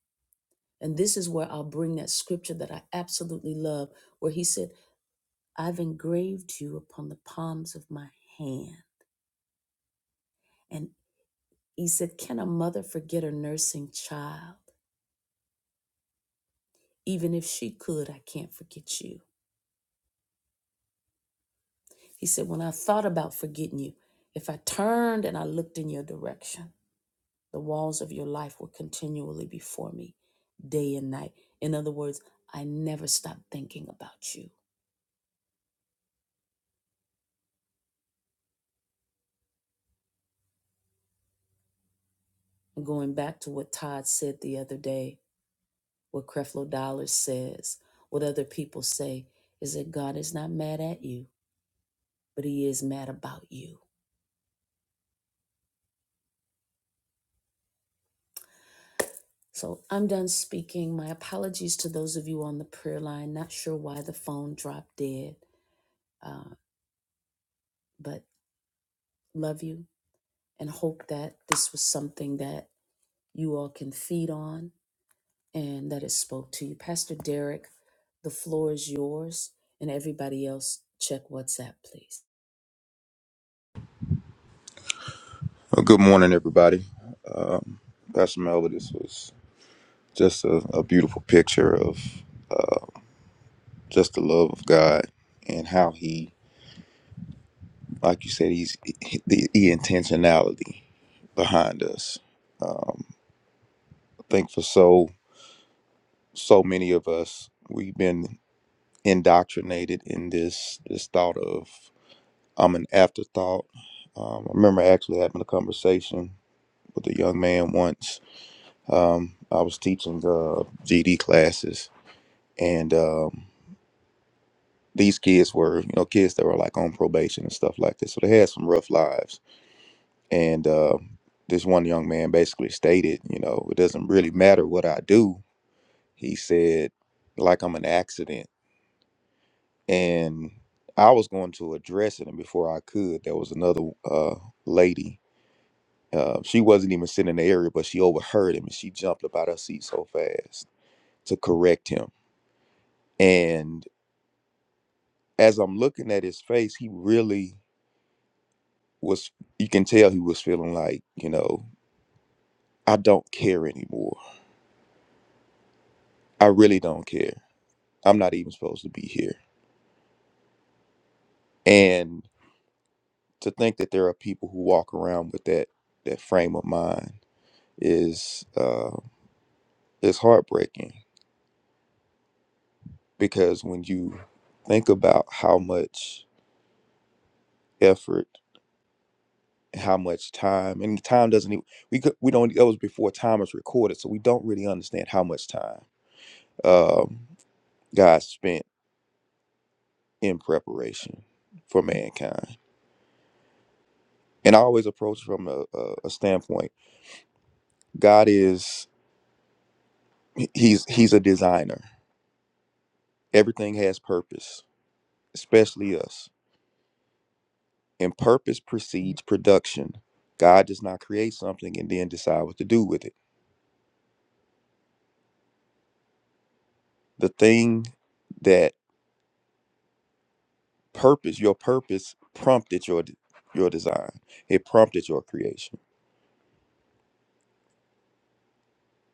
Speaker 1: And this is where I'll bring that scripture that I absolutely love, where he said, I've engraved you upon the palms of my hand. And he said, Can a mother forget her nursing child? Even if she could, I can't forget you. He said, When I thought about forgetting you, if I turned and I looked in your direction, the walls of your life were continually before me, day and night. In other words, I never stopped thinking about you. And going back to what Todd said the other day, What Creflo Dollar says, what other people say, is that God is not mad at you, but He is mad about you. So I'm done speaking. My apologies to those of you on the prayer line. Not sure why the phone dropped dead, uh, but love you and hope that this was something that you all can feed on and that it spoke to you. Pastor Derek, the floor is yours, and everybody else, check WhatsApp, please.
Speaker 3: Uh, Good morning, everybody. Pastor Melvin, this was just a, a beautiful picture of just the love of God and how He, like you said, He's the, the intentionality behind us. I think for so so many of us, we've been indoctrinated in this this thought of I'm an afterthought. Um, I remember actually having a conversation with a young man once. Um, I was teaching uh, GD classes and. Um, these kids were, you know, kids that were like on probation and stuff like this. So they had some rough lives. And uh, this one young man basically stated, you know, it doesn't really matter what I do. He said, like I'm an accident. And I was going to address it. And before I could, there was another uh, lady. Uh, she wasn't even sitting in the area, but she overheard him and she jumped up out her seat so fast to correct him. And as I'm looking at his face, he really was you can tell he was feeling like you know i don't care anymore i really don't care i'm not even supposed to be here and to think that there are people who walk around with that that frame of mind is uh is heartbreaking because when you think about how much effort how much time and time doesn't even we could we don't that was before time was recorded so we don't really understand how much time um god spent in preparation for mankind. And I always approach from a, a, a standpoint. God is he's he's a designer. Everything has purpose, especially us. And purpose precedes production. God does not create something and then decide what to do with it. The thing that purpose, your purpose prompted your your design. It prompted your creation.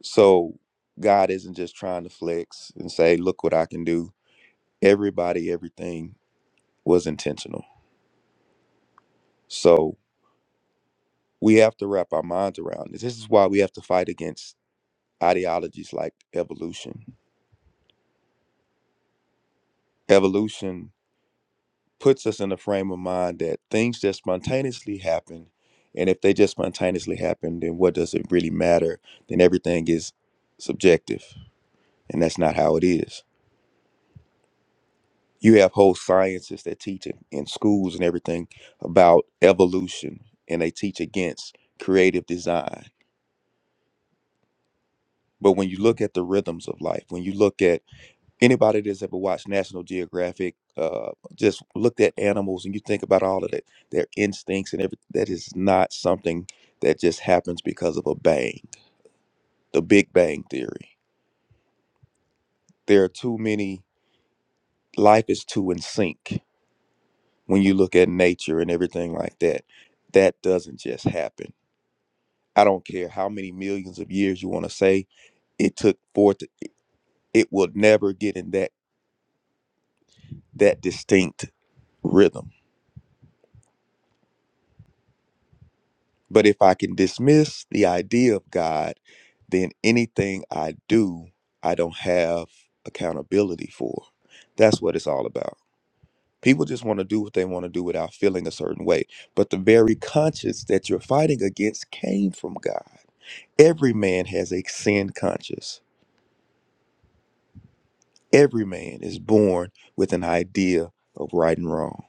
Speaker 3: So God isn't just trying to flex and say, look what I can do. Everybody, everything was intentional. So we have to wrap our minds around this. This is why we have to fight against ideologies like evolution. Evolution puts us in a frame of mind that things just spontaneously happen. And if they just spontaneously happen, then what does it really matter? Then everything is subjective. And that's not how it is. You have whole sciences that teach in, in schools and everything about evolution, and they teach against creative design. But when you look at the rhythms of life, when you look at anybody that's ever watched National Geographic, uh, just looked at animals and you think about all of that, their instincts and everything, that is not something that just happens because of a bang, the Big Bang Theory. There are too many, life is too in sync when you look at nature and everything like that. That doesn't just happen. I don't care how many millions of years you want to say it took for it, to- it will never get in that that distinct rhythm. But if I can dismiss the idea of God then anything I do, I don't have accountability for. That's what it's all about. People just want to do what they want to do without feeling a certain way. But the very conscience that you're fighting against came from God. Every man has a sin conscience. Every man is born with an idea of right and wrong.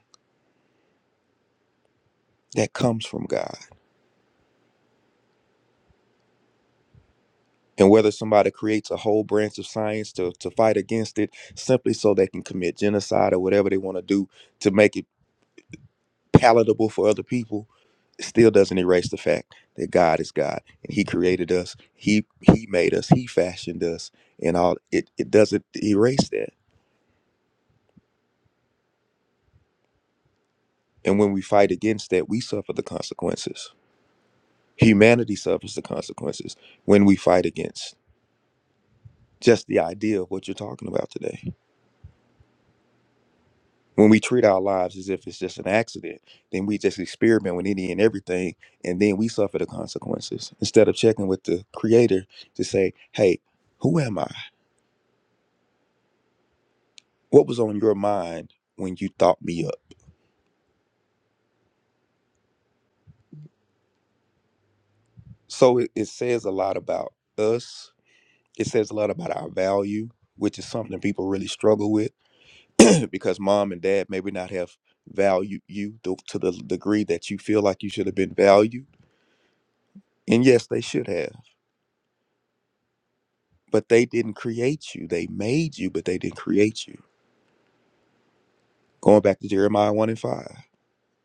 Speaker 3: That comes from God. And whether somebody creates a whole branch of science to, to fight against it simply so they can commit genocide or whatever they want to do, to make it. palatable for other people it still doesn't erase the fact that God is God and He created us. He He made us. He fashioned us, and all it it doesn't erase that. And when we fight against that, we suffer the consequences. Humanity suffers the consequences when we fight against just the idea of what you're talking about today. When we treat our lives as if it's just an accident, then we just experiment with any and everything, and then we suffer the consequences instead of checking with the Creator to say, "Hey, who am I? What was on your mind when you thought me up? So it, it says a lot about us. It says a lot about our value, which is something people really struggle with because mom and dad maybe not have valued you to, to the degree that you feel like you should have been valued. And yes, they should have, but they didn't create you. They made you, but they didn't create you. Going back to Jeremiah 1 and 5,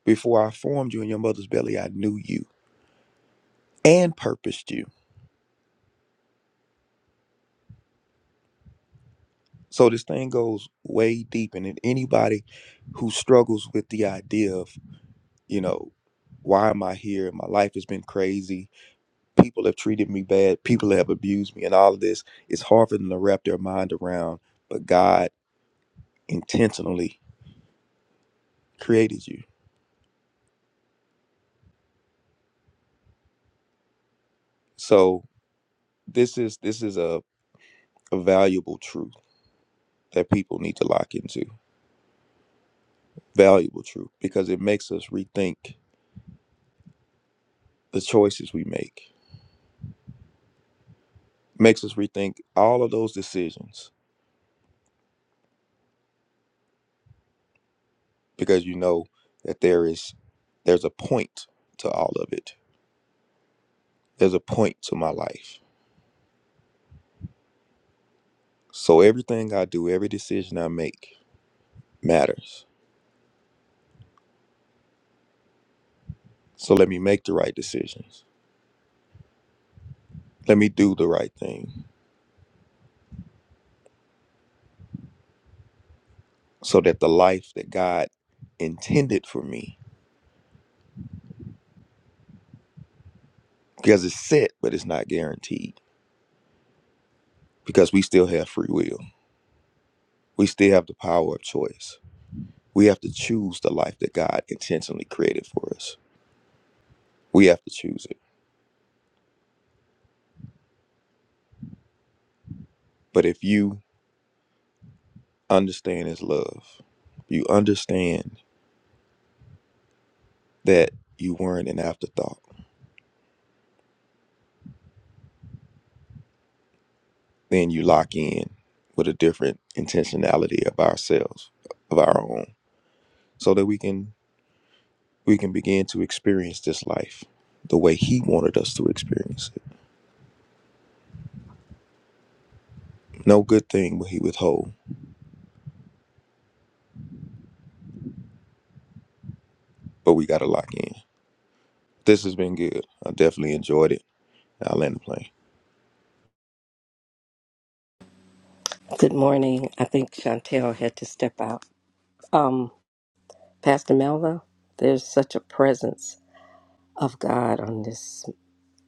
Speaker 3: before I formed you in your mother's belly, I knew you and purposed you. So this thing goes way deep, and then anybody who struggles with the idea of, you know, why am I here? My life has been crazy. People have treated me bad. People have abused me, and all of this. It's hard for them to wrap their mind around. But God intentionally created you. So this is this is a, a valuable truth that people need to lock into. Valuable truth because it makes us rethink the choices we make. Makes us rethink all of those decisions because you know that there is there's a point to all of it there's a point to my life so everything i do every decision i make matters so let me make the right decisions let me do the right thing so that the life that god intended for me because it's set but it's not guaranteed because we still have free will we still have the power of choice we have to choose the life that god intentionally created for us we have to choose it but if you understand is love. You understand that you weren't an afterthought. Then you lock in with a different intentionality of ourselves, of our own, so that we can we can begin to experience this life the way he wanted us to experience it. No good thing will he withhold, but we gotta lock in. This has been good. I definitely enjoyed it. I'll land the plane.
Speaker 6: Good morning. I think Chantel had to step out. Um, Pastor Melva, there's such a presence of God on this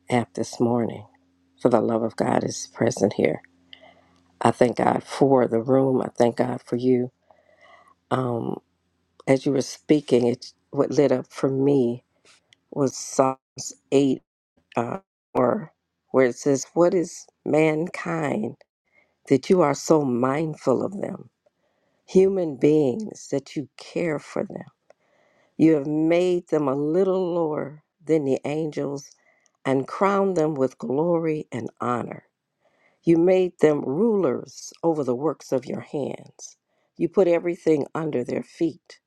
Speaker 6: app this morning. For the love of God is present here. I thank God for the room. I thank God for you. Um, as you were speaking, it what lit up for me was Psalms eight uh, or where it says, "What is mankind that you are so mindful of them? Human beings that you care for them." You have made them a little lower than the angels and crowned them with glory and honor. You made them rulers over the works of your hands. You put everything under their feet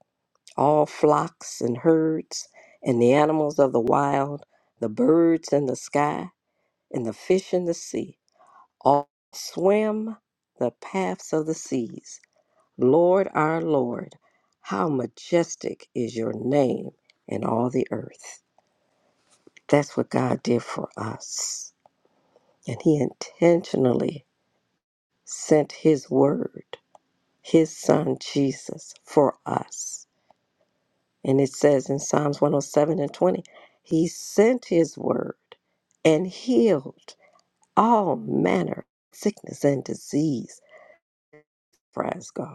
Speaker 6: all flocks and herds, and the animals of the wild, the birds in the sky, and the fish in the sea. All swim the paths of the seas. Lord our Lord, how majestic is your name in all the earth. That's what God did for us. And He intentionally sent His word, His Son Jesus, for us. And it says in Psalms 107 and 20, He sent His word and healed all manner of sickness and disease, praise God.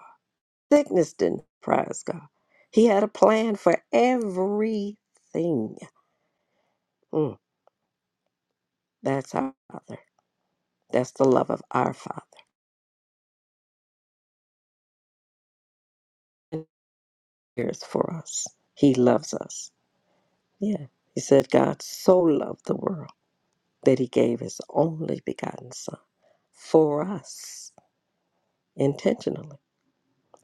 Speaker 6: Sickness didn't surprise God. He had a plan for everything. Mm, that's our Father. That's the love of our Father. And He cares for us. He loves us. Yeah. He said, God so loved the world that he gave his only begotten Son for us intentionally.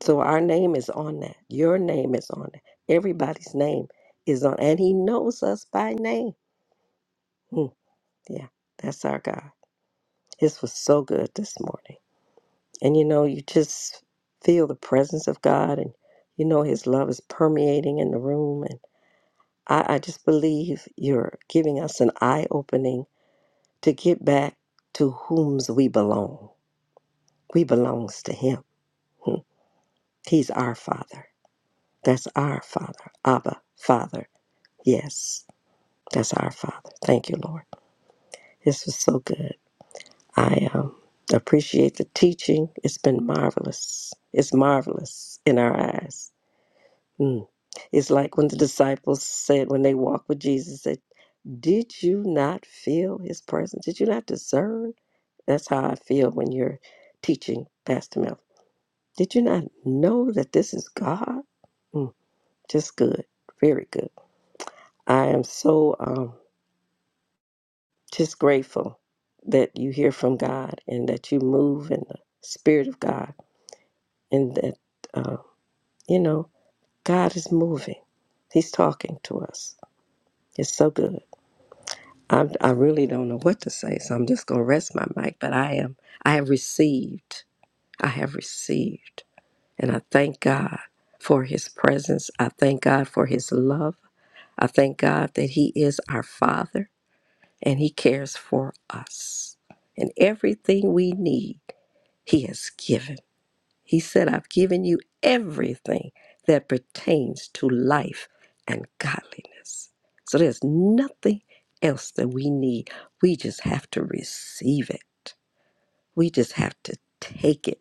Speaker 6: So our name is on that. Your name is on that. Everybody's name is on, and he knows us by name. Mm, yeah. That's our God. This was so good this morning. And you know, you just feel the presence of God and you know his love is permeating in the room. And I, I just believe you're giving us an eye opening to get back to whom's we belong. We belongs to him. Hmm. He's our father. That's our father. Abba, Father. Yes. That's our Father. Thank you, Lord. This was so good. I um, appreciate the teaching. It's been marvelous. It's marvelous in our eyes. It's like when the disciples said, when they walked with Jesus, said, Did you not feel his presence? Did you not discern? That's how I feel when you're teaching, Pastor Mel. Did you not know that this is God? Mm, just good. Very good. I am so um, just grateful that you hear from God and that you move in the Spirit of God and that, uh, you know, God is moving. He's talking to us. It's so good. I'm, I really don't know what to say, so I'm just going to rest my mic. But I am, I have received, I have received, and I thank God for His presence. I thank God for His love. I thank God that He is our Father and He cares for us, and everything we need He has given. He said, I've given you everything that pertains to life and godliness. So there's nothing else that we need. We just have to receive it, we just have to take it.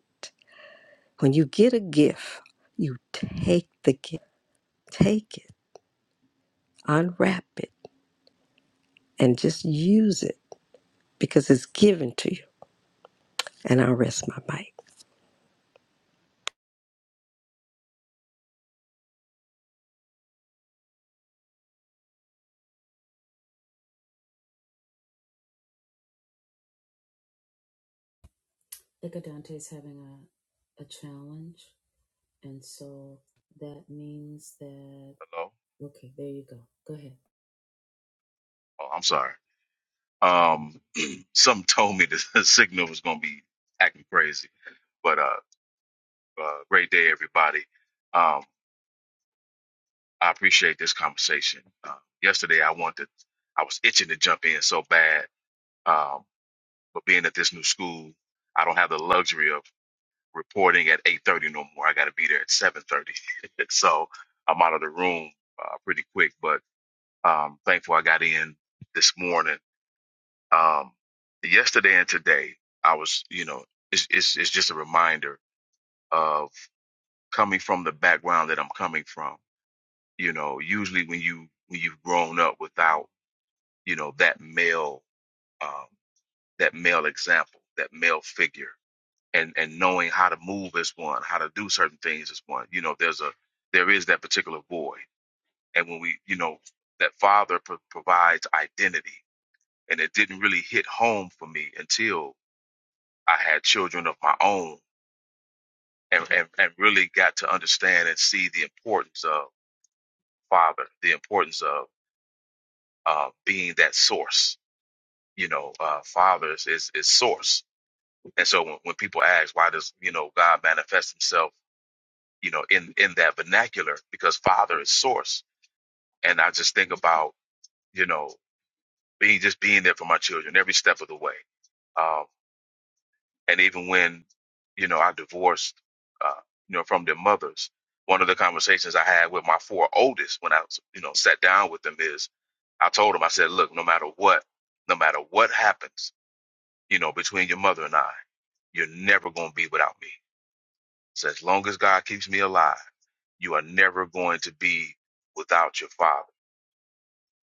Speaker 6: When you get a gift, you take the gift, take it, unwrap it, and just use it because it's given to you. And I'll rest my mic.
Speaker 1: Nika Dantes having a, a challenge. And so that means that,
Speaker 7: Hello.
Speaker 1: okay, there you go. Go ahead.
Speaker 7: Oh, I'm sorry. Um, something told me that the signal was gonna be acting crazy. But uh, uh great day, everybody. Um, I appreciate this conversation. Uh, yesterday, I wanted, I was itching to jump in so bad. Um, but being at this new school, I don't have the luxury of reporting at 8:30 no more. I got to be there at 7:30, so I'm out of the room uh, pretty quick. But um, thankful I got in this morning um, yesterday and today, I was, you know, it's, it's, it's just a reminder of coming from the background that I'm coming from. You know, usually when you, when you've grown up without, you know, that male, um, that male example, that male figure and, and knowing how to move as one, how to do certain things as one, you know, there's a, there is that particular void. And when we, you know, that father pro- provides identity and it didn't really hit home for me until. I had children of my own and, and, and really got to understand and see the importance of father, the importance of uh, being that source. You know, uh, fathers is, is source. And so when, when people ask, why does, you know, God manifest himself, you know, in, in that vernacular? Because father is source. And I just think about, you know, being just being there for my children every step of the way Um, and even when you know I divorced, uh, you know, from their mothers, one of the conversations I had with my four oldest when I you know sat down with them is I told them I said, look, no matter what, no matter what happens, you know, between your mother and I, you're never going to be without me. So as long as God keeps me alive, you are never going to be without your father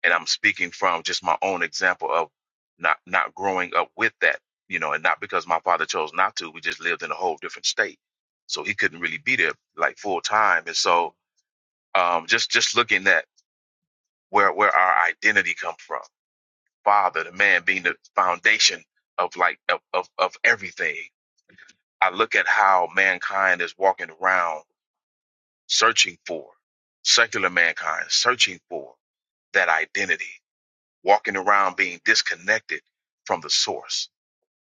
Speaker 7: and I'm speaking from just my own example of not not growing up with that, you know, and not because my father chose not to. We just lived in a whole different state, so he couldn't really be there like full time. And so, um, just just looking at where where our identity comes from, father, the man being the foundation of like of of, of everything. I look at how mankind is walking around searching for secular mankind, searching for that identity walking around being disconnected from the source.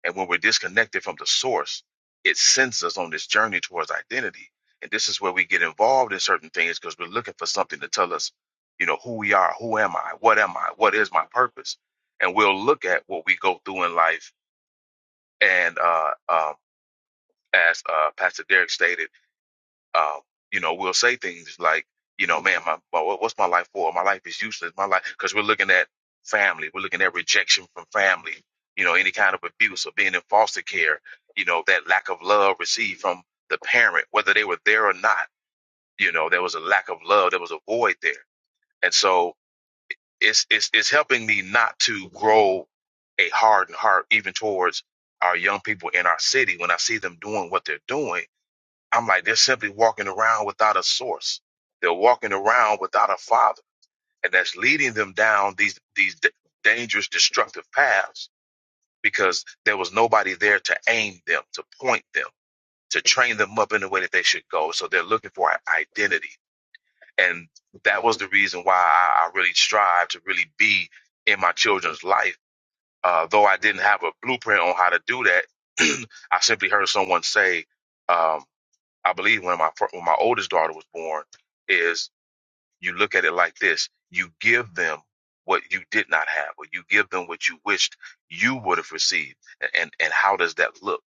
Speaker 7: And when we're disconnected from the source, it sends us on this journey towards identity. And this is where we get involved in certain things because we're looking for something to tell us, you know, who we are, who am I, what am I, what is my purpose. And we'll look at what we go through in life. And uh, uh, as uh, Pastor Derek stated, um, you know, we will say things like, you know, man, my, my what- what's my life for? My life is useless. My life, because we're looking at family, we're looking at rejection from family, you know, any kind of abuse or being in foster care, you know, that lack of love received from the parent, whether they were there or not, you know, there was a lack of love, there was a void there, and so it's it's it's helping me not to grow a hardened heart even towards our young people in our city when I see them doing what they're doing I'm like, they're simply walking around without a source. They're walking around without a father, and that's leading them down these these d- dangerous, destructive paths because there was nobody there to aim them, to point them, to train them up in the way that they should go. So they're looking for an identity, and that was the reason why I, I really strive to really be in my children's life. Uh, though I didn't have a blueprint on how to do that, I simply heard someone say. um, I believe when my fir- when my oldest daughter was born is you look at it like this: you give them what you did not have, or you give them what you wished you would have received, A- and and how does that look?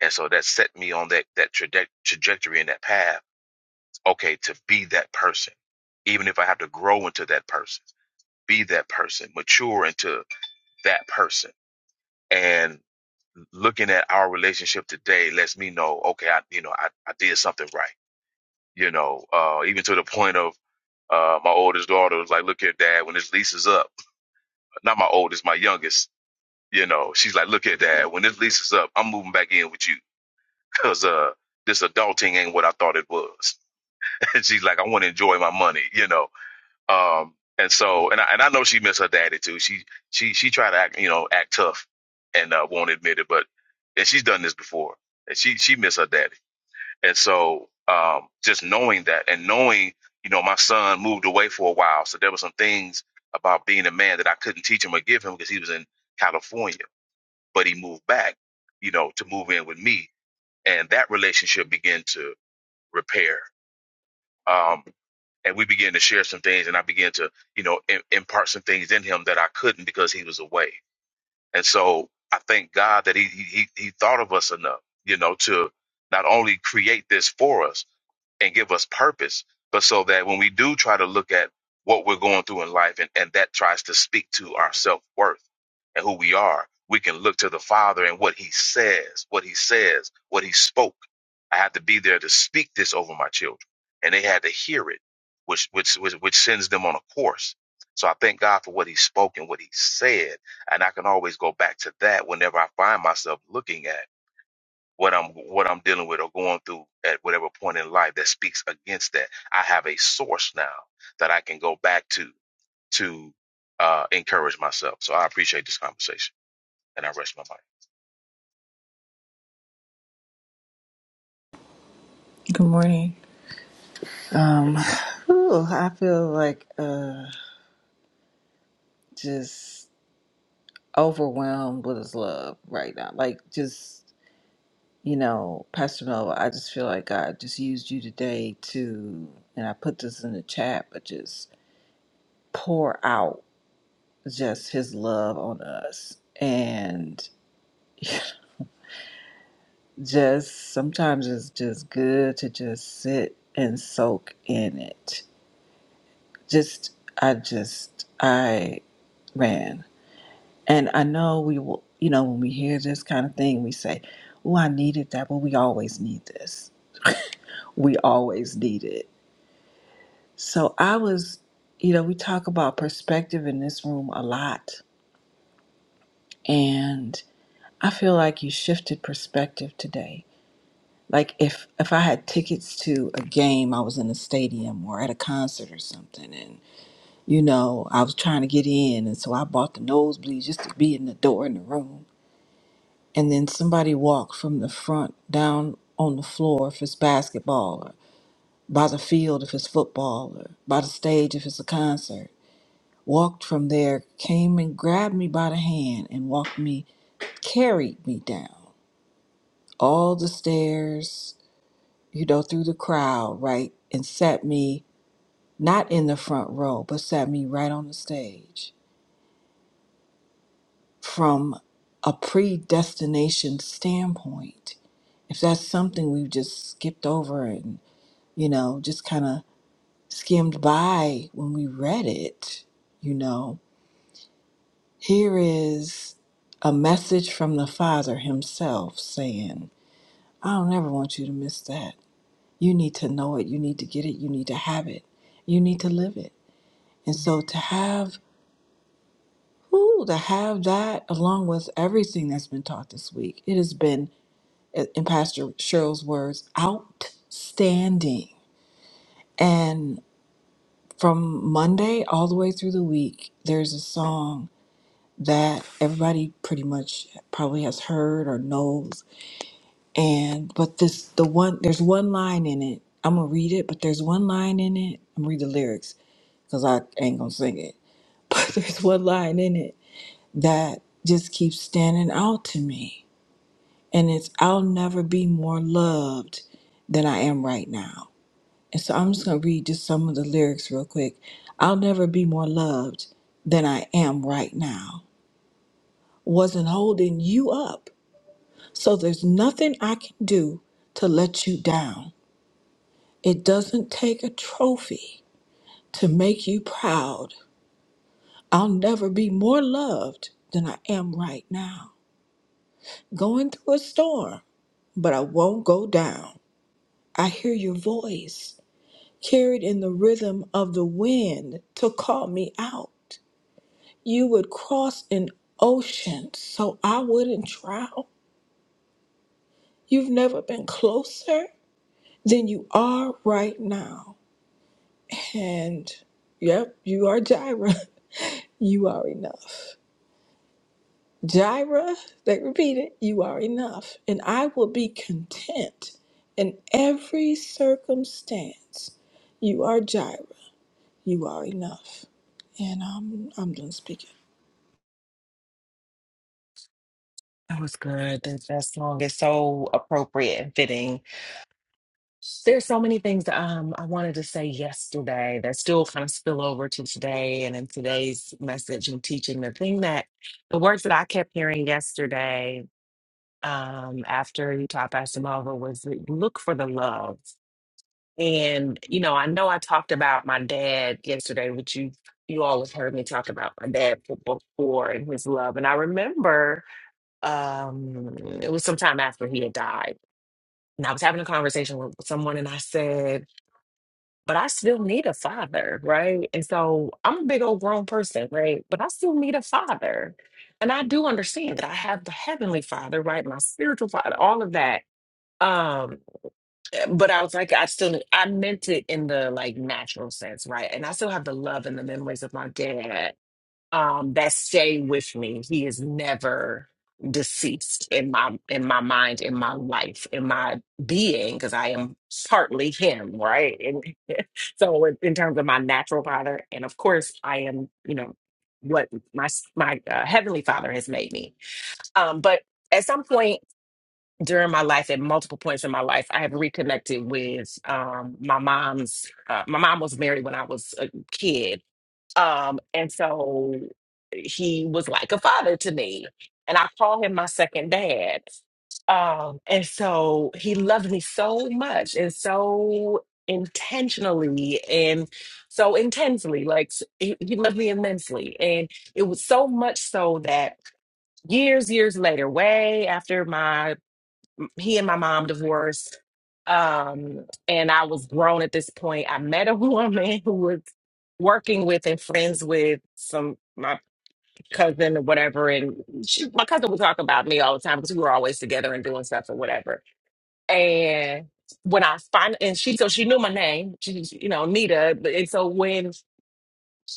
Speaker 7: And so that set me on that that traje- trajectory and that path. Okay, to be that person, even if I have to grow into that person, be that person, mature into that person. And looking at our relationship today lets me know, okay, I you know I, I did something right you know, uh, even to the point of uh, my oldest daughter was like, look here, dad, when this lease is up, not my oldest, my youngest, you know, she's like, look here, dad, when this lease is up, I'm moving back in with you because uh, this adulting ain't what I thought it was. and she's like, I want to enjoy my money, you know. Um, and so, and I, and I know she missed her daddy too. She she she tried to act, you know, act tough and uh, won't admit it, but and she's done this before. And she she missed her daddy And so um, just knowing that and knowing, you know, my son moved away for a while. So there were some things about being a man that I couldn't teach him or give him because he was in California, but he moved back, you know, to move in with me. And that relationship began to repair. Um, and we began to share some things and I began to, you know, im- impart some things in him that I couldn't because he was away. And so I thank God that he, he, he he thought of us enough, you know, to not only create this for us, and give us purpose, but so that when we do try to look at what we're going through in life and, and that tries to speak to our self worth and who we are, we can look to the Father and what He says, what He says, what He spoke. I had to be there to speak this over my children, and they had to hear it, which which which, which sends them on a course. So I thank God for what He spoke and what He said, and I can always go back to that whenever I find myself looking at what I'm what I'm dealing with or going through at whatever point in life that speaks against that. I have a source now that I can go back to to uh, encourage myself. So I appreciate this conversation, and I rest my mind.
Speaker 8: Good morning. Whew, I feel like uh just overwhelmed with his love right now. Like just you know, Pastor Melva, I just feel like God just used you today to and I put this in the chat, but just pour out just his love on us. And just sometimes it's just good to just sit and soak in it. Just I just I ran. And I know we will, you know, when we hear this kind of thing, we say, Oh, I needed that, but we always need this. We always need it. So I was, you know, we talk about perspective in this room a lot. And I feel like you shifted perspective today. Like if if I had tickets to a game, I was in a stadium or at a concert or something, and you know, I was trying to get in, and so I bought the nosebleed just to be in the door in the room and then somebody walked from the front down on the floor if it's basketball or by the field if it's football or by the stage if it's a concert walked from there came and grabbed me by the hand and walked me carried me down all the stairs you know through the crowd right and sat me not in the front row but sat me right on the stage from a predestination standpoint if that's something we've just skipped over you know, just kind of skimmed by when we read it, you know, here is a message from the Father Himself saying, I don't ever want you to miss that. You need to know it. You need to get it. You need to have it. You need to live it. And so to have, ooh, to have that along with everything that's been taught this week, it has been, uh, in Pastor Cheryl's words, outstanding. from Monday all the way through the week, there's a song that everybody pretty much probably has heard or knows. And but this the one there's one line in it. I'm gonna read it, but there's one line in it. I'm gonna read the lyrics because I ain't gonna sing it. But there's one line in it that just keeps standing out to me. And it's I'll never be more loved than I am right now. And so I'm just going to read just some of the lyrics real quick. I'll never be more loved than I am right now. Wasn't holding you up. So there's nothing I can do to let you down. It doesn't take a trophy to make you proud. I'll never be more loved than I am right now. Going through a storm, but I won't go down. I hear your voice carried in the rhythm of the wind to call me out. You would cross an ocean so I wouldn't drown. You've never been closer than you are right now. And yep, you are Jira. You are enough. Jira, they repeat it, you are enough. And I will be content in every circumstance. You are Jira. You are enough. And um, I'm done speaking.
Speaker 9: That was good. That, that song is so appropriate and fitting. There's so many things that um, I wanted to say yesterday that still kind of spill over to today and in today's message and teaching. The thing that, the words that I kept hearing yesterday um, after Utah passed him over was look for the love. And, you know, I know I talked about my dad yesterday, which you, you all have heard me talk about my dad before and his love. And I remember um it was sometime after he had died and i was having a conversation with someone and i said but i still need a father right and so i'm a big old grown person right but i still need a father and i do understand that i have the heavenly father right my spiritual father all of that um but i was like i still need- i meant it in the like natural sense right and i still have the love and the memories of my dad um, that stay with me. He is never deceased in my in my mind, in my life, in my being, because I am partly him, right? And so, in, in terms of my natural father, and of course, I am, you know, what my s- my uh, heavenly father has made me. Um, but at some point during my life, at multiple points in my life, I have reconnected with um, my mom's. Uh, my mom was married when I was a kid um, and so he was like a father to me. And I call him my second dad. Um, and so he loved me so much and so intentionally and so intensely. Like s- he, he loved me immensely. And it was so much so that years, years later, way after my he and my mom divorced. Um, and I was grown at this point. I met a woman who was working with and friends with some my cousin or whatever. And she, my cousin would talk about me all the time because we were always together and doing stuff or whatever. And when I find and she so she knew my name, she, she- you know, Nita. But- And so when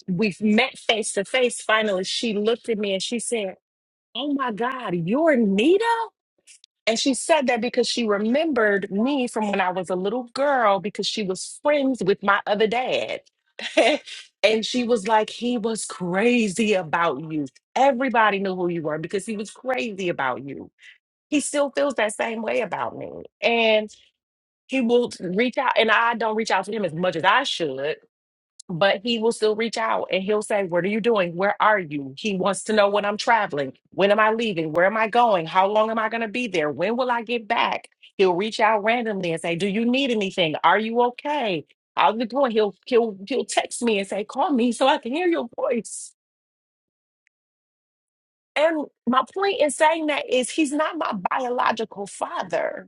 Speaker 9: we met face to face, finally, she looked at me and she said, "Oh my God, you're Nita." And she said that because she remembered me from when I was a little girl because she was friends with my other dad. and she was like, he was crazy about you. Everybody knew who you were because he was crazy about you. He still feels that same way about me. And he will reach out, and I don't reach out to him as much as I should but he will still reach out and he'll say, What are you doing? Where are you? He wants to know when I'm traveling. When am I leaving? Where am I going? How long am I going to be there? When will I get back? He'll reach out randomly and say, Do you need anything? Are you okay? How's it going? He'll he'll he'll text me and say, Call me so I can hear your voice. And my point in saying that is he's not my biological father,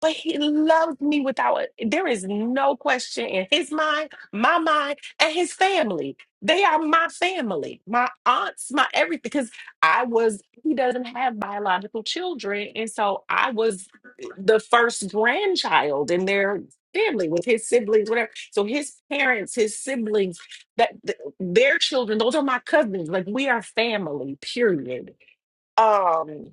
Speaker 9: but he loved me without there is no question in his mind, my mind, and his family. They are my family, my aunts, my everything. Because I was, he doesn't have biological children. And so I was the first grandchild in their family with his siblings, whatever. So his parents, his siblings, that their children those are my cousins like we are family period um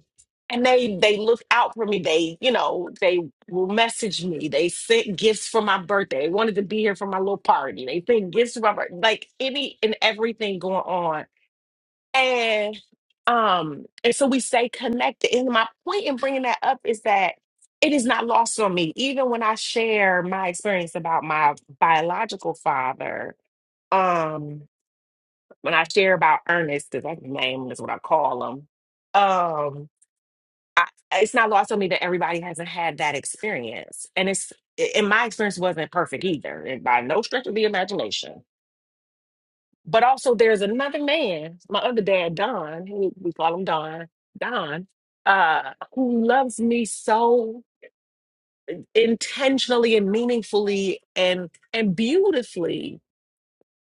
Speaker 9: and they they look out for me they you know they will message me they sent gifts for my birthday they wanted to be here for my little party they sent gifts for my birthday like any and everything going on and um and so we stay connected and my point in bringing that up is that it is not lost on me even when i share my experience about my biological father um, when I share about Ernest, 'cause that's his name, is what I call him. Um, I, it's not lost on me that everybody hasn't had that experience, and it's in my experience wasn't perfect either, and by no stretch of the imagination. But also, there's another man, my other dad, Don. who We call him Don. Don, uh, who loves me so intentionally and meaningfully and and beautifully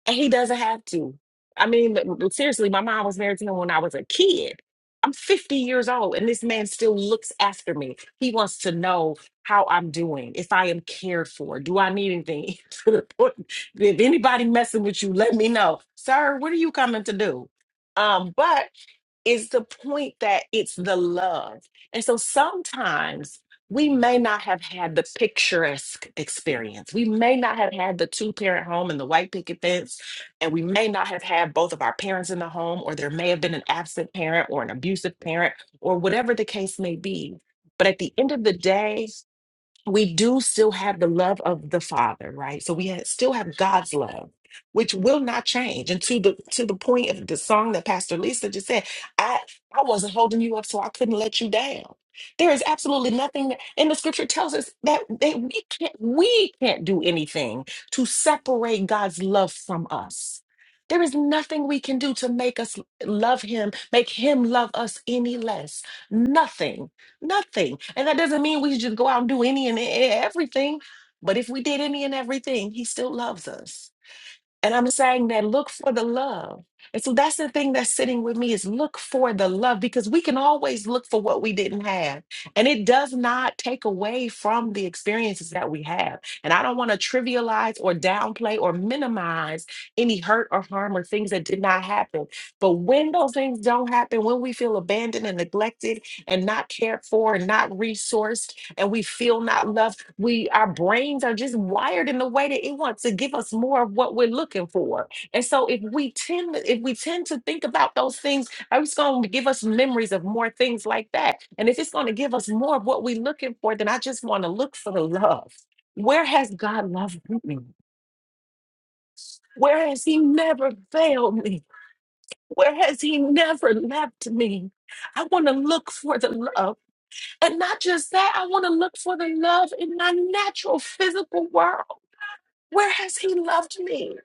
Speaker 9: And he doesn't have to. I mean, but- but seriously, my mom was married to him when I was a kid. I'm 50 years old, and this man still looks after me. He wants to know how I'm doing, if I am cared for, do I need anything? to the point, if anybody messing with you, let me know, sir. What are you coming to do? Um, but is the point that it's the love. And so sometimes we may not have had the picturesque experience. We may not have had the two parent home and the white picket fence, and we may not have had both of our parents in the home, or there may have been an absent parent or an abusive parent, or whatever the case may be. But at the end of the day, we do still have the love of the father right so we ha- still have god's love which will not change and to the to the point of the song that pastor lisa just said i i wasn't holding you up so i couldn't let you down there is absolutely nothing in the scripture tells us that, that we can't we can't do anything to separate god's love from us there is nothing we can do to make us love him make him love us any less nothing Nothing. And that doesn't mean we should just go out and do any and e- everything. But if we did any and everything, he still loves us. And I'm saying that look for the love. And so that's the thing that's sitting with me is look for the love because we can always look for what we didn't have. And it does not take away from the experiences that we have. And I don't want to trivialize or downplay or minimize any hurt or harm or things that did not happen. But when those things don't happen, when we feel abandoned and neglected and not cared for and not resourced, and we feel not loved. We our brains are just wired in the way that it wants to give us more of what we're looking for. And so if we tend if we tend to think about those things, uh, it's going to give us memories of more things like that. And if it's going to give us more of what we're looking for, then I just want to look for the love. Where has God loved me? Where has He never failed me? Where has He never left me? I want to look for the love. And not just that, I want to look for the love in my natural physical world. Where has he loved me?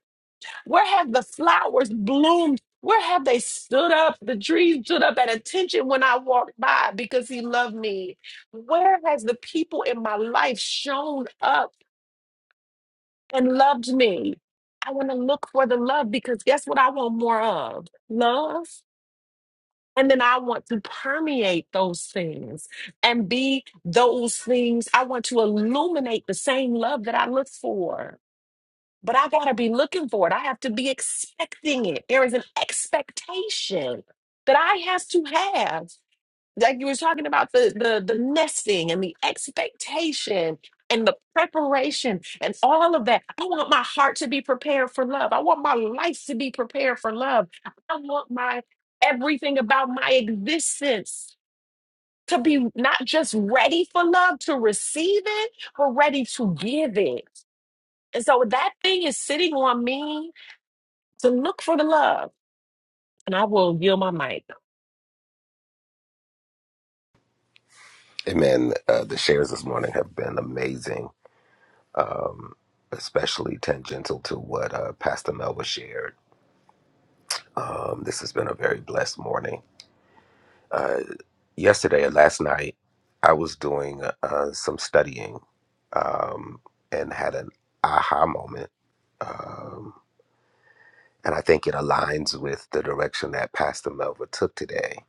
Speaker 9: Where have the flowers bloomed? Where have they stood up? The trees stood up at attention when I walked by because he loved me. Where has the people in my life shown up and loved me? I want to look for the love because guess what I want more of? Love. And then I want to permeate those things and be those things. I want to illuminate the same love that I look for. But I got to be looking for it. I have to be expecting it. There is an expectation that I have to have like you were talking about the the the nesting and the expectation and the preparation and all of that. I want my heart to be prepared for love. I want my life to be prepared for love. I want my everything about my existence to be not just ready for love to receive it, but ready to give it. And so that thing is sitting on me to look for the love. And I will yield my mic.
Speaker 10: And man, uh, the shares this morning have been amazing, especially tangential to what uh, Pastor Melba shared. Um, this has been a very blessed morning. Uh, yesterday, last night, I was doing uh, some studying um, and had an aha moment. Um, and I think it aligns with the direction that Pastor Melva took today.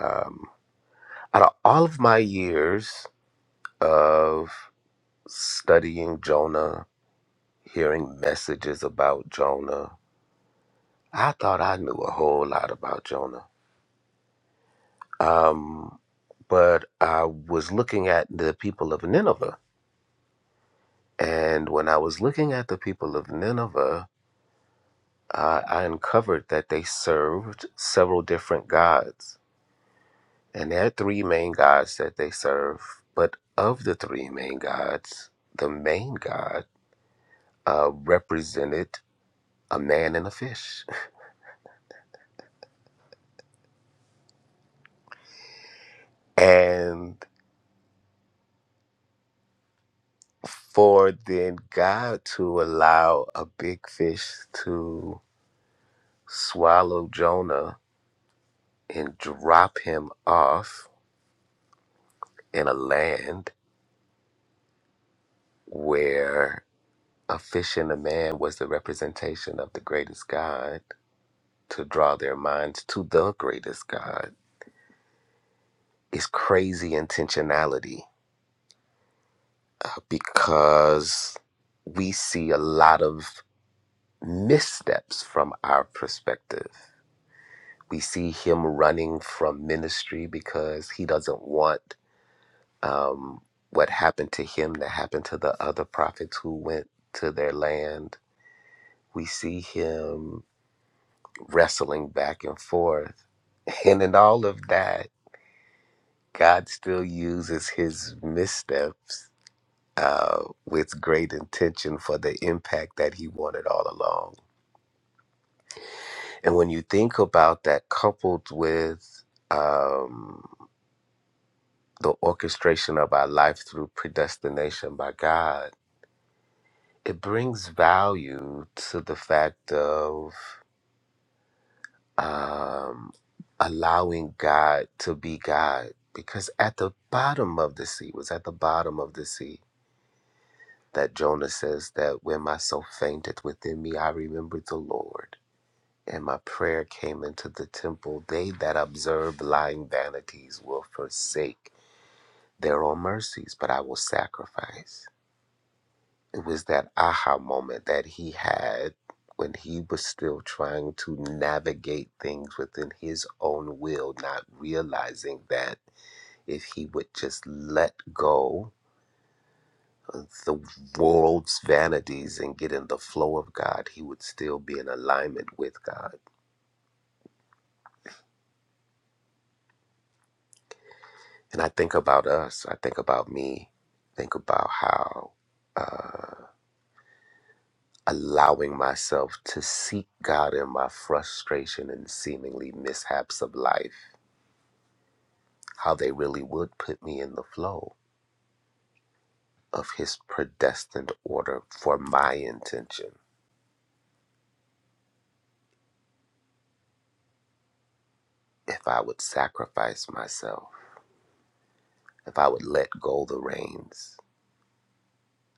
Speaker 10: Um, out of all of my years of studying Jonah hearing messages about Jonah. I thought I knew a whole lot about Jonah. Um, but I was looking at the people of Nineveh. And when I was looking at the people of Nineveh, I I uncovered that they served several different gods. And there are three main gods that they serve. But of the three main gods, the main god uh, represented a man and a fish. And for then God to allow a big fish to swallow Jonah and drop him off in a land where a fish and a man was the representation of the greatest God to draw their minds to the greatest God is crazy intentionality because we see a lot of missteps from our perspective We see him running from ministry because he doesn't want um, what happened to him to happen to the other prophets who went to their land. We see him wrestling back and forth. And in all of that, God still uses his missteps uh, with great intention for the impact that he wanted all along. And when you think about that, coupled with. Um, the orchestration of our life through predestination by God, it brings value to the fact of um, allowing God to be God. Because at the bottom of the sea, it was at the bottom of the sea that Jonah says that when my soul fainteth within me, I remembered the Lord. And my prayer came into the temple. They that observe lying vanities will forsake their own mercies, but I will sacrifice. It was that aha moment that he had when he was still trying to navigate things within his own will, not realizing that if he would just let go of the world's vanities and get in the flow of God, he would still be in alignment with God. And I think about us, I think about me, think about how allowing myself to seek God in my frustration and seemingly mishaps of life how they really would put me in the flow of his predestined order for my intention. If I would sacrifice myself, if I would let go the reins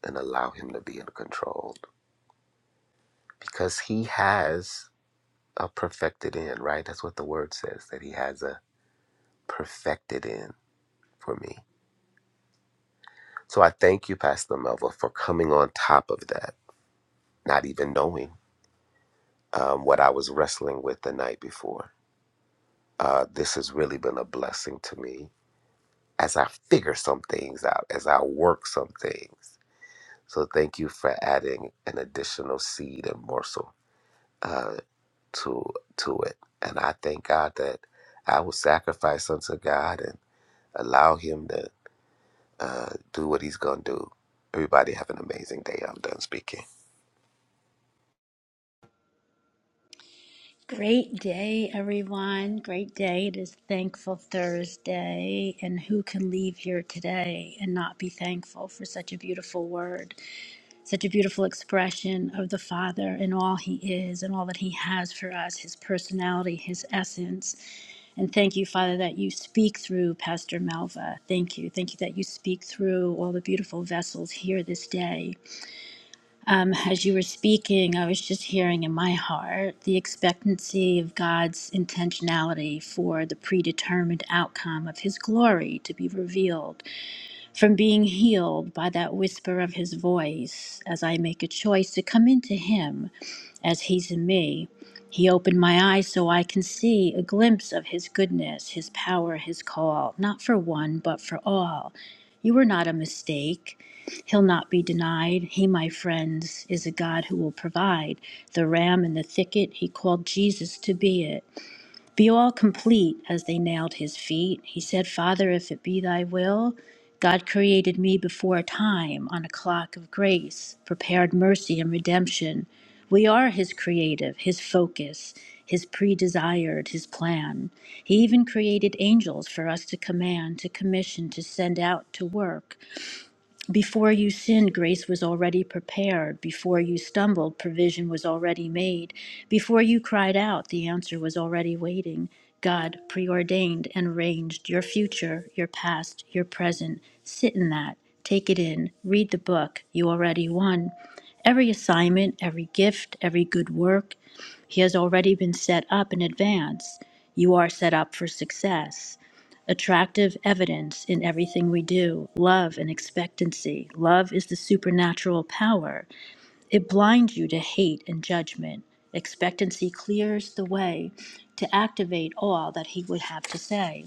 Speaker 10: and allow him to be in control, because he has a perfected end, right? That's what the word says, that he has a perfected end for me. So I thank you, Pastor Melva, for coming on top of that, not even knowing um, what I was wrestling with the night before. Uh, this has really been a blessing to me as I figure some things out, as I work some things. So thank you for adding an additional seed and morsel uh, to to it. And I thank God that I will sacrifice unto God and allow Him to uh, do what He's gonna do. Everybody have an amazing day. I'm done speaking.
Speaker 2: Great day, everyone. Great day. It is Thankful Thursday. And who can leave here today and not be thankful for such a beautiful word, such a beautiful expression of the Father and all He is and all that He has for us, His personality, His essence. And thank you, Father, that you speak through Pastor Melva. Thank you. Thank you that you speak through all the beautiful vessels here this day. Um, as you were speaking, I was just hearing in my heart the expectancy of God's intentionality for the predetermined outcome of His glory to be revealed, from being healed by that whisper of His voice as I make a choice to come into Him as He's in me. He opened my eyes so I can see a glimpse of His goodness, His power, His call, not for one, but for all. You were not a mistake. He'll not be denied. He, my friends, is a God who will provide. The ram in the thicket, He called Jesus to be it be all complete as they nailed his feet. He said, Father, if it be thy will, God created me before time on a clock of grace, prepared mercy and redemption. We are his creative, his focus, his pre desired, his plan. He even created angels for us to command, to commission, to send out to work. Before you sinned, grace was already prepared. Before you stumbled, provision was already made. Before you cried out, the answer was already waiting. God preordained and arranged your future, your past, your present. Sit in that. Take it in. Read the book. You already won. Every assignment, every gift, every good work, he has already been set up in advance. You are set up for success. Attractive evidence in everything we do, love and expectancy. Love is the supernatural power. It blinds you to hate and judgment. Expectancy clears the way to activate all that He would have to say.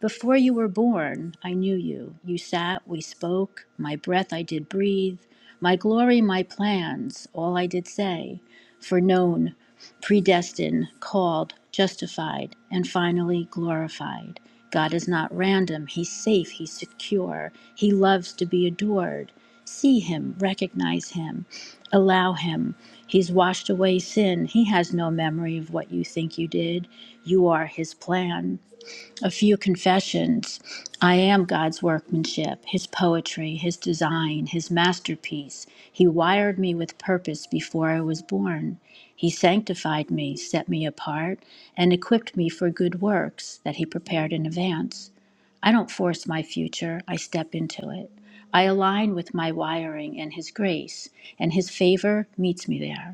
Speaker 2: Before you were born, I knew you. You sat, we spoke, my breath I did breathe, my glory, my plans, all I did say, for known, predestined, called, justified, and finally glorified. God is not random, He's safe, He's secure, He loves to be adored. See Him, recognize Him, allow Him. He's washed away sin, He has no memory of what you think you did. You are His plan a few confessions. I am God's workmanship, His poetry, His design, His masterpiece. He wired me with purpose before I was born. He sanctified me, set me apart, and equipped me for good works that He prepared in advance. I don't force my future, I step into it. I align with my wiring and His grace, and His favor meets me there.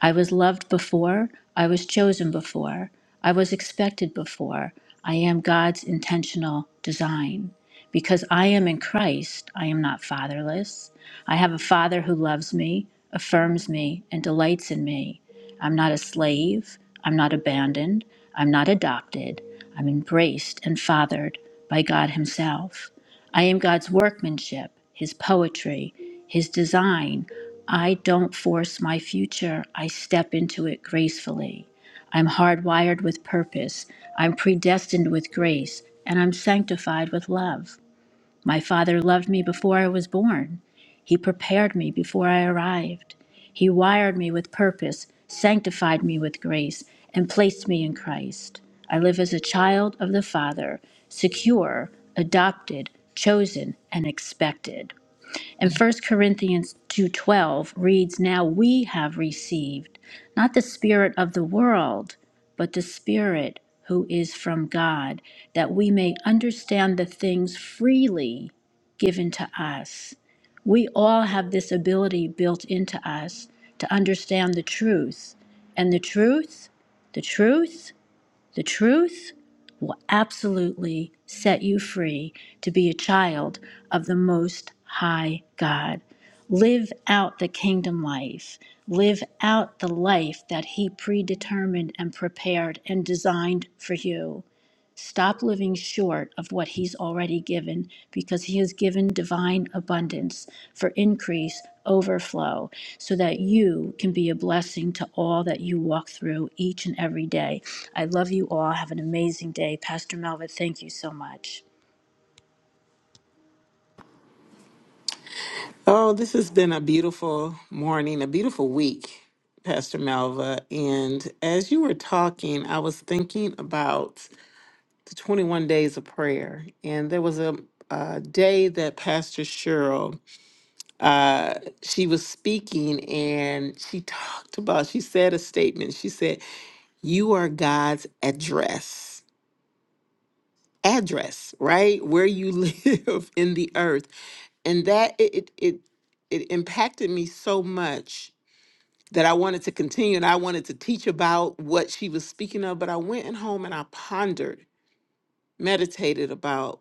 Speaker 2: I was loved before. I was chosen before. I was expected before. I am God's intentional design. Because I am in Christ, I am not fatherless. I have a father who loves me, affirms me, and delights in me. I'm not a slave. I'm not abandoned. I'm not adopted. I'm embraced and fathered by God Himself. I am God's workmanship, His poetry, His design. I don't force my future. I step into it gracefully. I'm hardwired with purpose. I'm predestined with grace, and I'm sanctified with love. My Father loved me before I was born. He prepared me before I arrived. He wired me with purpose, sanctified me with grace, and placed me in Christ. I live as a child of the Father, secure, adopted, chosen, and expected. And First Corinthians 2:12 reads, "Now we have received not the spirit of the world, but the spirit who is from God, that we may understand the things freely given to us." We all have this ability built into us to understand the truth. And the truth, the truth the truth will absolutely set you free to be a child of the Most High God. Live out the kingdom life. Live out the life that He predetermined and prepared and designed for you. Stop living short of what He's already given because He has given divine abundance for increase, overflow, so that you can be a blessing to all that you walk through each and every day. I love you all. Have an amazing day. Pastor Melva, thank you so much.
Speaker 5: Oh, this has been a beautiful morning, a beautiful week, Pastor Malva. And as you were talking, I was thinking about the 21 days of prayer. And there was a, a day that Pastor Cheryl, uh, she was speaking and she talked about, she said a statement. She said, You are God's address. Address, right? Where you live in the earth. and that it it it, it impacted me so much that I wanted to continue and I wanted to teach about what she was speaking of, but I went and home and I pondered, meditated about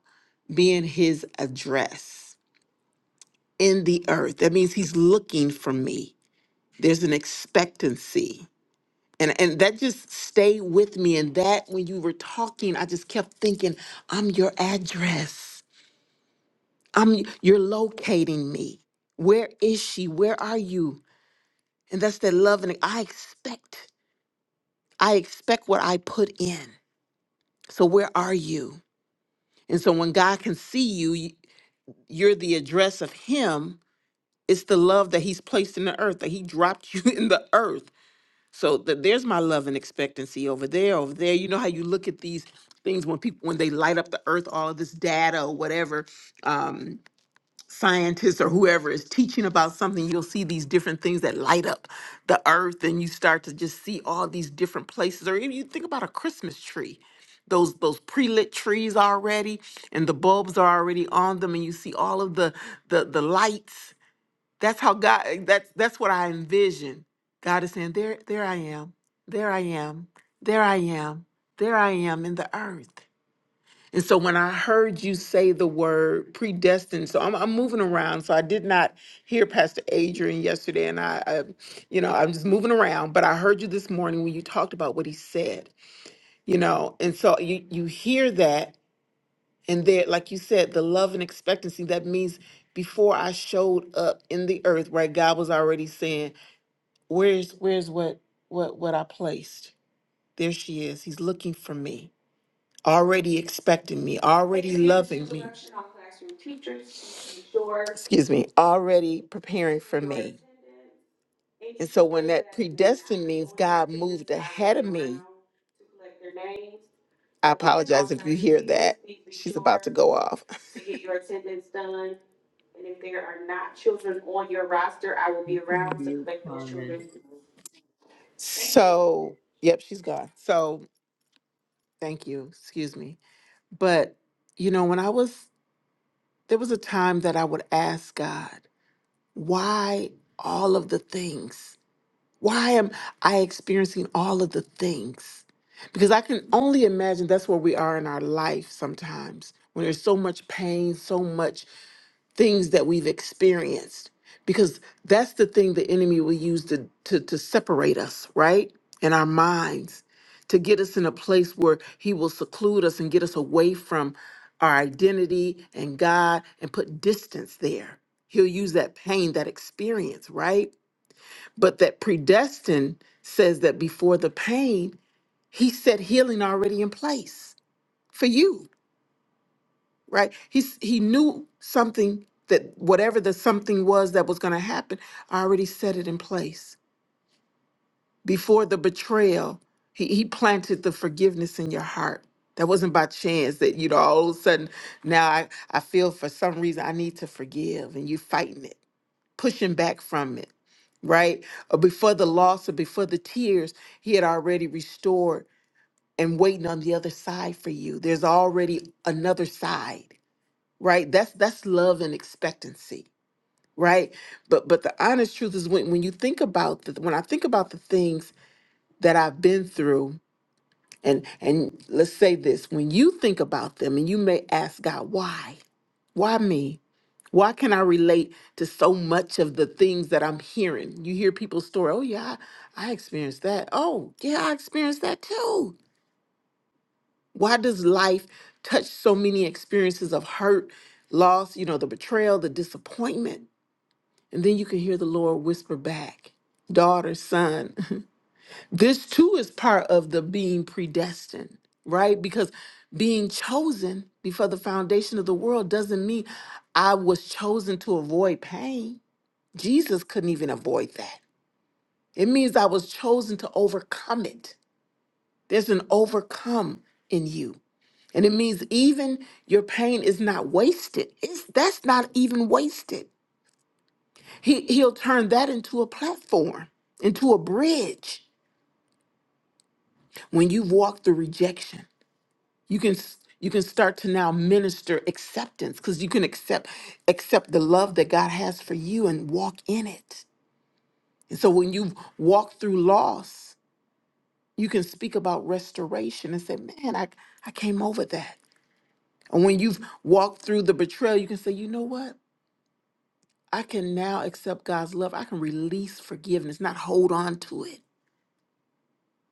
Speaker 5: being his address in the earth. That means he's looking for me. There's an expectancy. And and that just stayed with me. And that when you were talking, I just kept thinking, I'm your address. I'm you're locating me. Where is she? Where are you? And that's that love and I expect. I expect what I put in. So where are you? And so when God can see you, y- you're the address of him. It's the love that he's placed in the earth, that he dropped you in the earth. So th- there's my love and expectancy over there, over there. You know how you look at these things when people when they light up the earth, all of this data or whatever. um, scientist or whoever is teaching about something, you'll see these different things that light up the earth, and you start to just see all these different places. Or even you think about a Christmas tree, those those pre-lit trees already, and the bulbs are already on them, and you see all of the the the lights. That's how God. That's that's what I envision. God is saying, "There, there I am. There I am. There I am. There I am in the earth." And so when I heard you say the word predestined, so I'm, I'm moving around. So I did not hear Pastor Adrian yesterday, and I, I, you know, I'm just moving around. But I heard you this morning when you talked about what he said, you know, and so you you hear that, and there, like you said, the love and expectancy. That means before I showed up in the earth, right? God was already saying, "Where's where's what what what I placed? There she is. He's looking for me." already expecting me, already loving me. Excuse me, already preparing for me. And so when that predestined means God moved ahead of me, I apologize if you hear that. She's about to go off.
Speaker 1: You, Carmen.
Speaker 5: So, yep, she's gone. So, thank you. Excuse me. But, you know, when I was, there was a time that I would ask God, why all of the things? Why am I experiencing all of the things? Because I can only imagine that's where we are in our life sometimes, when there's so much pain, so much things that we've experienced. Because that's the thing the enemy will use to, to, to separate us, right? In our minds, to get us in a place where he will seclude us and get us away from our identity and God and put distance there. He'll use that pain, that experience, right? But that predestined says that before the pain, he set healing already in place for you, right? He's he knew something that whatever the something was that was going to happen, I already set it in place. Before the betrayal, he, he planted the forgiveness in your heart. That wasn't by chance that, you know, all of a sudden now I, I feel for some reason I need to forgive and you fighting it pushing back from it, right? Or before the loss or before the tears, he had already restored and waiting on the other side for you. There's already another side, right? That's that's love and expectancy, right? But but the honest truth is when when you think about the when I think about the things that I've been through and and let's say this, when you think about them and you may ask God why? Why me? Why can I relate to so much of the things that I'm hearing? You hear people's story. Oh, yeah, I, I experienced that. Oh, yeah, I experienced that too. Why does life touch so many experiences of hurt, loss, you know, the betrayal, the disappointment? And then you can hear the Lord whisper back, daughter, son. this too is part of the being predestined, right? Because being chosen before the foundation of the world doesn't mean I was chosen to avoid pain Jesus couldn't even avoid that. It means I was chosen to overcome it. There's an overcome in you. And it means even your pain is not wasted. It's, that's not even wasted. He, he'll turn that into a platform, into a bridge. When you've walked through rejection, you can s- you can start to now minister acceptance because you can accept accept the love that God has for you and walk in it. And so when you walk through loss, you can speak about restoration and say, man, I, I came over that. And when you've walked through the betrayal, you can say, you know what? I can now accept God's love. I can release forgiveness, not hold on to it.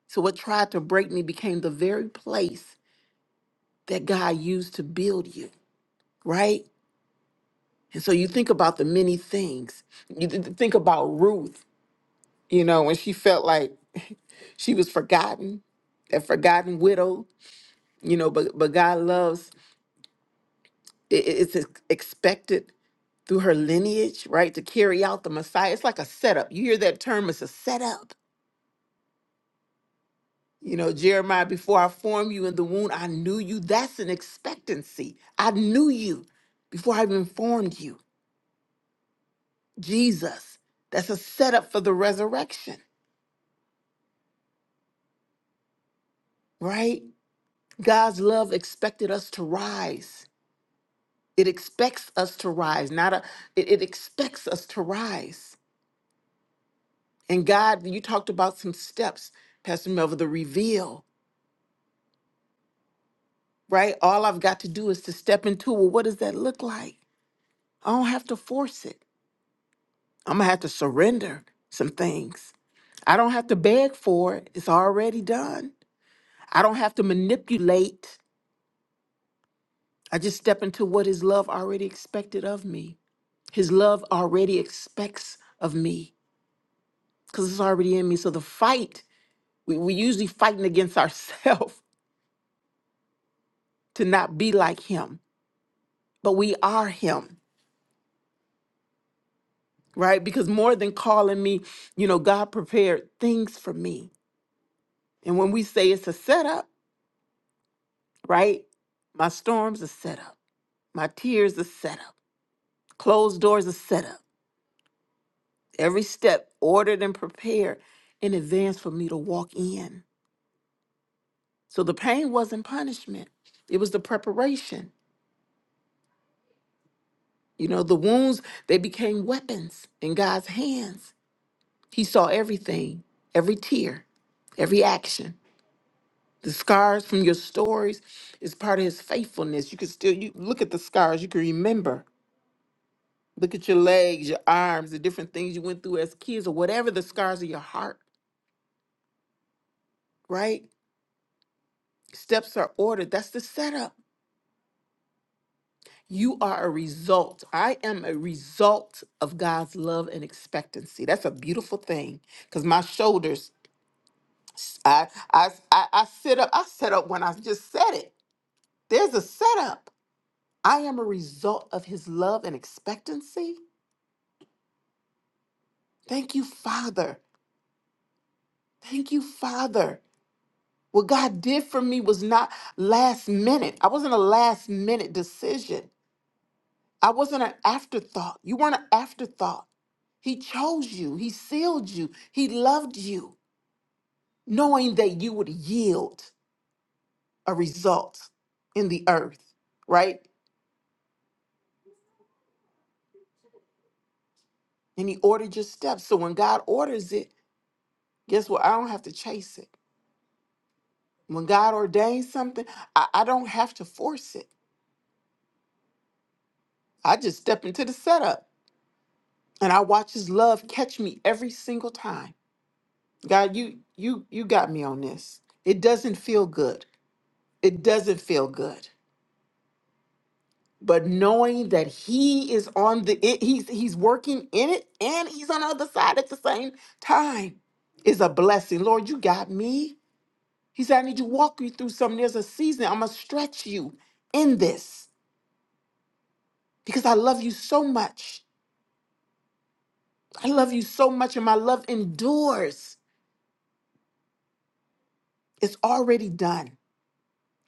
Speaker 5: So what tried to break me became the very place that God used to build you, right? And so you think about the many things. You th- th- think about Ruth, you know, when she felt like she was forgotten, that forgotten widow, you know, but but God loves i- i- it's ex- expected through her lineage, right, to carry out the Messiah. It's like a setup. You hear that term, it's a setup. You know, Jeremiah, before I formed you in the womb, I knew you. That's an expectancy. I knew you before I even formed you. Jesus, that's a setup for the resurrection, right? God's love expected us to rise. It expects us to rise, not a, it, it expects us to rise And God, you talked about some steps, Pastor Melvin, the reveal, right? All I've got to do is to step into it. What does that look like? I don't have to force it. I'm going to have to surrender some things. I don't have to beg for it. It's already done. I don't have to manipulate. I just step into what His love already expected of me. His love already expects of me because it's already in me. So the fight, we, we usually fighting against ourselves to not be like Him but we are him right because more than calling me you know god prepared things for me and when we say it's a setup right my storms are set up my tears are set up closed doors are set up every step ordered and prepared in advance for me to walk in so the pain wasn't punishment it was the preparation you know the wounds they became weapons in god's hands he saw everything every tear every action The scars from your stories is part of his faithfulness. You can still you look at the scars, you can remember. Look at your legs, your arms, the different things you went through as kids, or whatever the scars of your heart, right? Steps are ordered. That's the setup. You are a result. I am a result of God's love and expectancy. That's a beautiful thing. Because my shoulders, I, I I I sit up. I set up when I just said it. There's a setup. I am a result of his love and expectancy. Thank you, Father. Thank you, Father. What God did for me was not last minute. I wasn't a last minute decision. I wasn't an afterthought. You weren't an afterthought. He chose you, He sealed you, He loved you, knowing that you would yield a result in the earth, right? And He ordered your steps. So when God orders it, guess what? I don't have to chase it. When God ordains something, I, I don't have to force it. I just step into the setup. and I watch his love catch me every single time. God, you you you got me on this. It doesn't feel good. It doesn't feel good. But knowing that he is on the it, he's he's working in it and he's on the other side at the same time is a blessing. Lord, you got me. He said, I need to walk you through something. There's a season. I'm gonna stretch you in this because I love you so much. I love you so much, and my love endures. It's already done.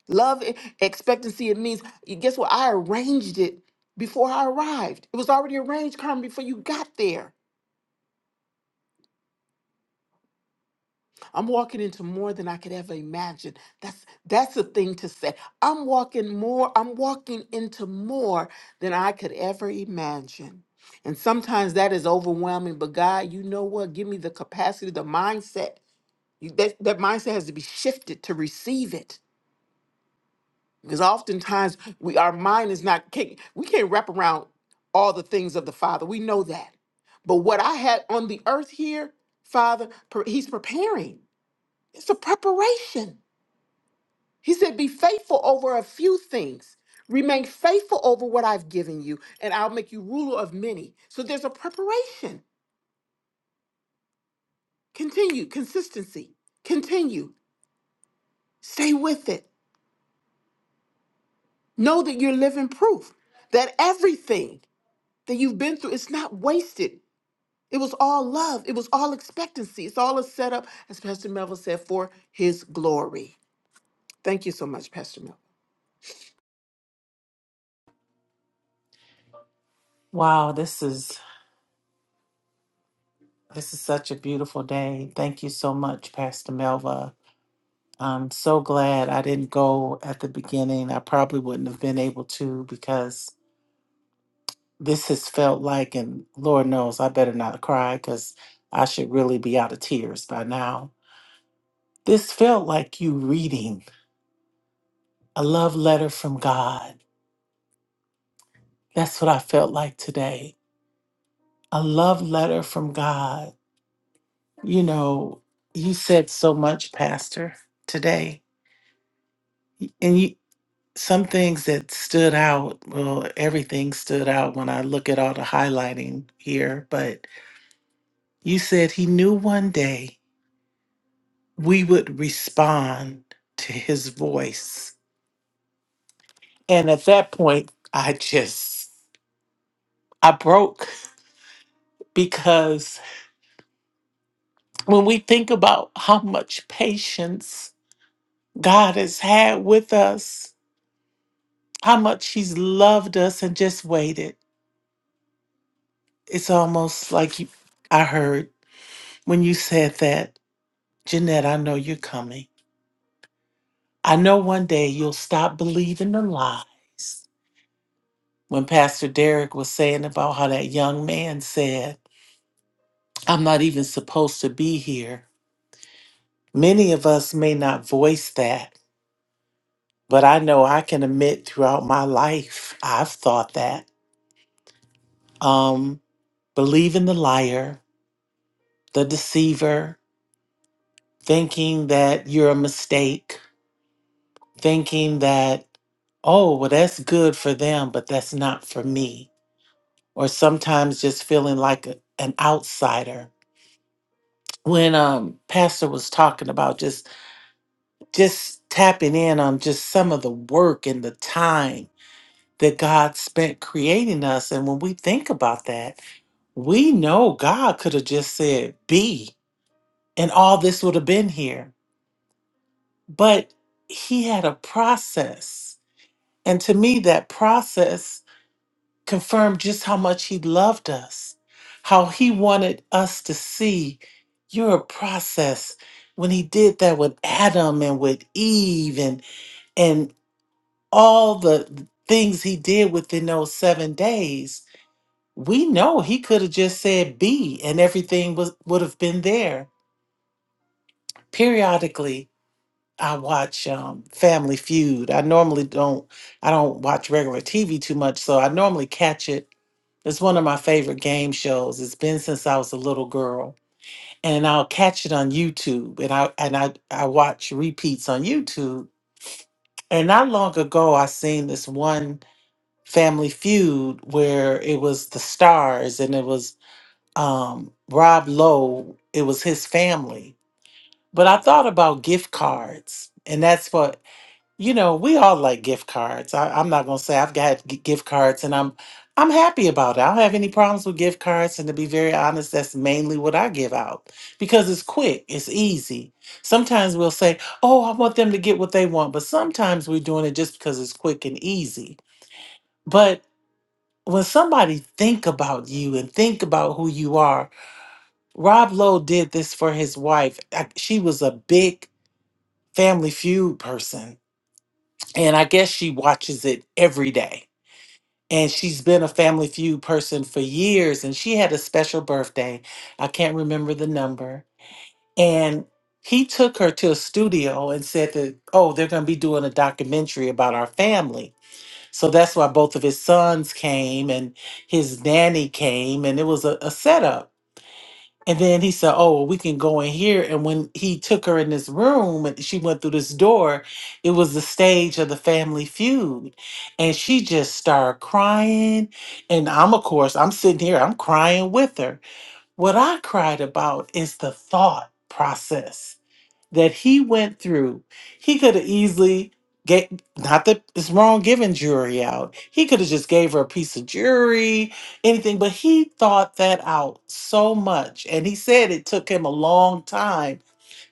Speaker 5: Love, e- expectancy, it means, y- guess what? I arranged it before I arrived. It was already arranged, Carmen, before you got there. I'm walking into more than I could ever imagine. That's that's the thing to say. I'm walking more, I'm walking into more than I could ever imagine. And sometimes that is overwhelming, but God, you know what? Give me the capacity, the mindset. You- That, that mindset has to be shifted to receive it because oftentimes we our mind is not can we can't wrap around all the things of the father we know that but what i had on the earth here father pre- he's preparing it's a preparation he said be faithful over a few things remain faithful over what i've given you and i'll make you ruler of many so there's a preparation continue consistency continue stay with it know that you're living proof that everything that you've been through is not wasted It was all love. It was all expectancy. It's all a setup, as Pastor Melville said, for his glory. Thank you so much, Pastor Melville.
Speaker 11: Wow, this is this is such a beautiful day. Thank you so much, Pastor Melva. I'm so glad I didn't go at the beginning. I probably wouldn't have been able to because this has felt like, and Lord knows I better not cry because I should really be out of tears by now. This felt like you reading a love letter from God. That's what I felt like today. A love letter from God. You know, you said so much, Pastor, today and you. some things that stood out well everything stood out when i look at all the highlighting here but you said he knew one day we would respond to his voice and at that point i just i broke because when we think about how much patience god has had with us how much he's loved us and just waited it's almost like you, i heard when you said that Jeanette, I know you're coming. I know one day you'll stop believing the lies. When Pastor Derek was saying about how that young man said, I'm not even supposed to be here, many of us may not voice that, but I know I can admit throughout my life, I've thought that. Um, believing the liar, the deceiver, thinking that you're a mistake, thinking that, oh, well, that's good for them, but that's not for me or sometimes just feeling like a- an outsider. When um pastor was talking about just just tapping in on just some of the work and the time that God spent creating us and when we think about that, we know God could have just said be and all this would have been here. But he had a process. And to me that process confirmed just how much he loved us, how he wanted us to see You're a process when he did that with Adam and with Eve and and all the things he did within those 7 days. We know he could have just said be and everything was would have been there. Periodically, I watch um, Family Feud. I normally don't. I don't watch regular TV too much, so I normally catch it. It's one of my favorite game shows. It's been since I was a little girl, and I'll catch it on YouTube. And I and I I watch repeats on YouTube. And not long ago, I seen this one Family Feud where it was the stars, and it was um, Rob Lowe. It was his family, but I thought about gift cards, and that's what you know, we all like gift cards. I, I'm not gonna say I've got g- gift cards, and I'm I'm happy about it. I don't have any problems with gift cards, and to be very honest, that's mainly what I give out because it's quick, it's easy. Sometimes we'll say, "Oh, I want them to get what they want," but sometimes we're doing it just because it's quick and easy. But when somebody think about you and think about who you are, Rob Lowe did this for his wife. I- She was a big Family Feud person, and I guess she watches it every day and she's been a Family Feud person for years. And she had a special birthday. I can't remember the number. And he took her to a studio and said that, oh, they're going to be doing a documentary about our family. So that's why both of his sons came and his nanny came. And it was a, a setup. And then he said, Oh, well, we can go in here. And when he took her in this room and she went through this door, it was the stage of the family feud. And she just started crying. And I'm, of course, I'm sitting here, I'm crying with her. What I cried about is the thought process that he went through, he could have easily get not that it's wrong giving jewelry out. He could have just gave her a piece of jewelry, anything, but he thought that out so much. And he said it took him a long time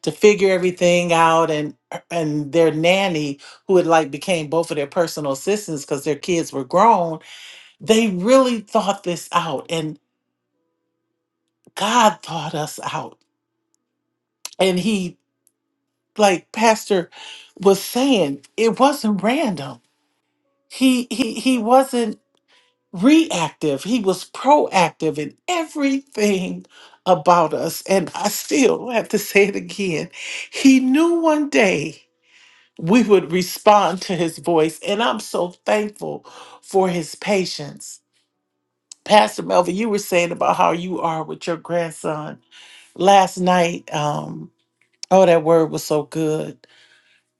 Speaker 11: to figure everything out and and their nanny who had like became both of their personal assistants because their kids were grown, they really thought this out and God thought us out. And he like Pastor was saying, it wasn't random. He he he wasn't reactive. He was proactive in everything about us. And I still have to say it again. He knew one day we would respond to his voice. And I'm so thankful for his patience. Pastor Melvin, you were saying about how you are with your grandson last night. Um, oh, that word was so good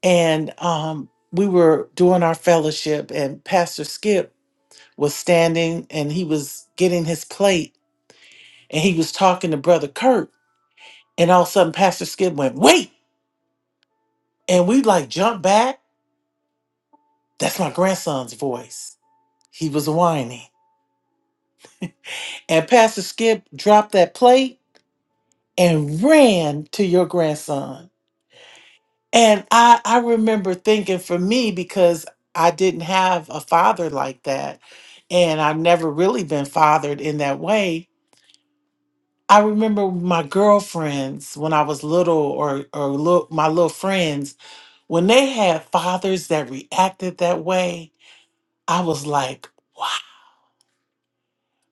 Speaker 11: and um, we were doing our fellowship and pastor skip was standing and he was getting his plate and he was talking to brother kurt and all of a sudden pastor skip went wait and we like jumped back that's my grandson's voice he was whining and pastor skip dropped that plate and ran to your grandson And I, I remember thinking for me, because I didn't have a father like that, and I've never really been fathered in that way. I remember my girlfriends when I was little, or or look, my little friends when they had fathers that reacted that way. I was like, wow.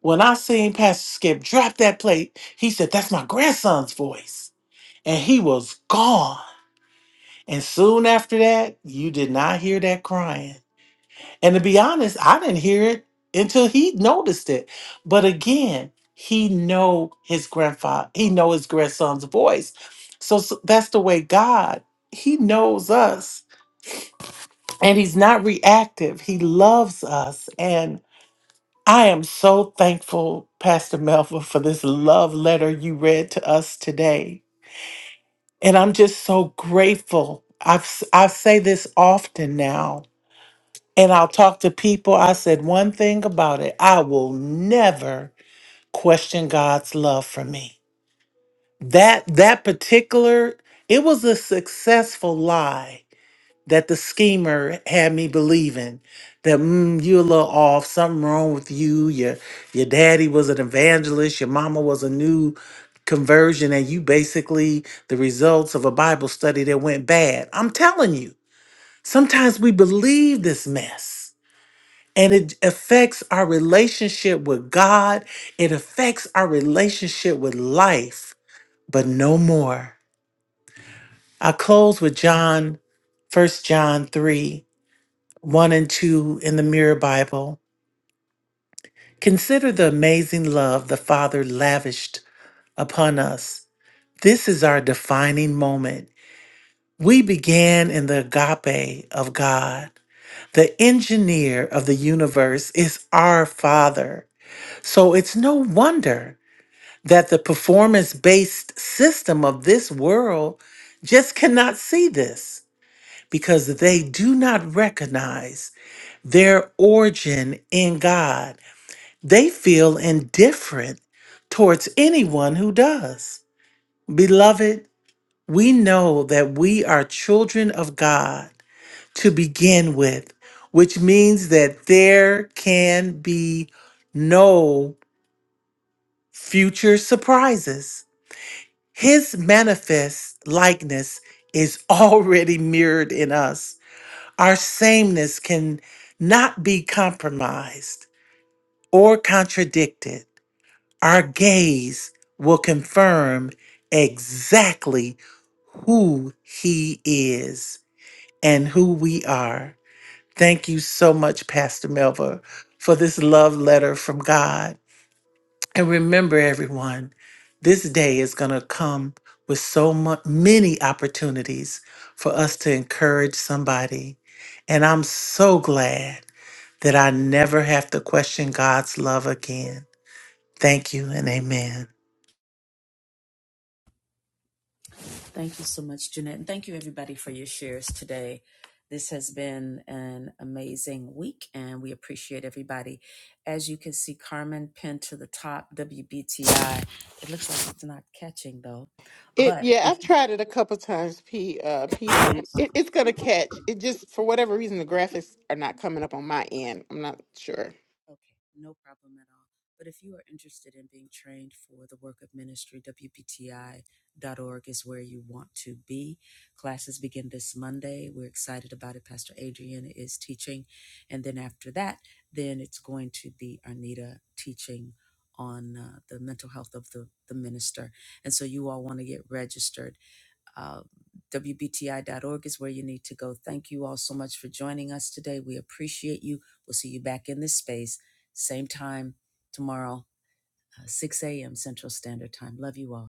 Speaker 11: When I seen Pastor Skip drop that plate, he said, "That's my grandson's voice," and he was gone. And soon after that, you did not hear that crying. And to be honest, I didn't hear it until he noticed it. But again, he know his grandfather, he know his grandson's voice. So, so that's the way God, he knows us and he's not reactive. He loves us. And I am so thankful, Pastor Melva, for this love letter you read to us today. And I'm just so grateful. I've, s- I say this often now And I'll talk to people. I said one thing about it. I will never question God's love for me. That that particular it was a successful lie that the schemer had me believing that mm, you're a little off, something wrong with you. Your your daddy was an evangelist, your mama was a new conversion, and you basically the results of a Bible study that went bad. I'm telling you, sometimes we believe this mess. And it affects our relationship with God. It affects our relationship with life, but no more. I close with John, First John 3, 1 and 2 in the Mirror Bible. Consider the amazing love the Father lavished upon us. This is our defining moment. We began in the agape of God. The engineer of the universe is our Father. So it's no wonder that the performance based system of this world just cannot see this because they do not recognize their origin in God. They feel indifferent towards anyone who does. Beloved, we know that we are children of God to begin with, which means that there can be no future surprises His manifest likeness is already mirrored in us. Our sameness can not be compromised or contradicted. Our gaze will confirm exactly who he is and who we are. Thank you so much, Pastor Melva, for this love letter from God. And remember, everyone, this day is going to come with so mu- many opportunities for us to encourage somebody. And I'm so glad that I never have to question God's love again. Thank you and amen.
Speaker 1: Thank you so much, Jeanette. And thank you, everybody, for your shares today. This has been an amazing week, and we appreciate everybody. As you can see, Carmen pinned to the top, WBTI. It looks like it's not catching, though.
Speaker 5: It
Speaker 1: But
Speaker 5: yeah,
Speaker 1: if
Speaker 5: I've tried it a couple times. P uh PM. It, it's gonna catch. It just for whatever reason the graphics are not coming up on my end. I'm not sure.
Speaker 1: Okay, no problem at all. But if you are interested in being trained for the work of ministry, wpti. dot org is where you want to be. Classes begin this Monday. We're excited about it. Pastor Adrian is teaching. And then after that, then it's going to be Arnita teaching on uh, the mental health of the, the minister. And so you all want to get registered. Uh, WBTI.org is where you need to go. Thank you all so much for joining us today. We appreciate you. We'll see you back in this space, same time tomorrow, uh, 6 a.m. Central Standard Time. Love you all.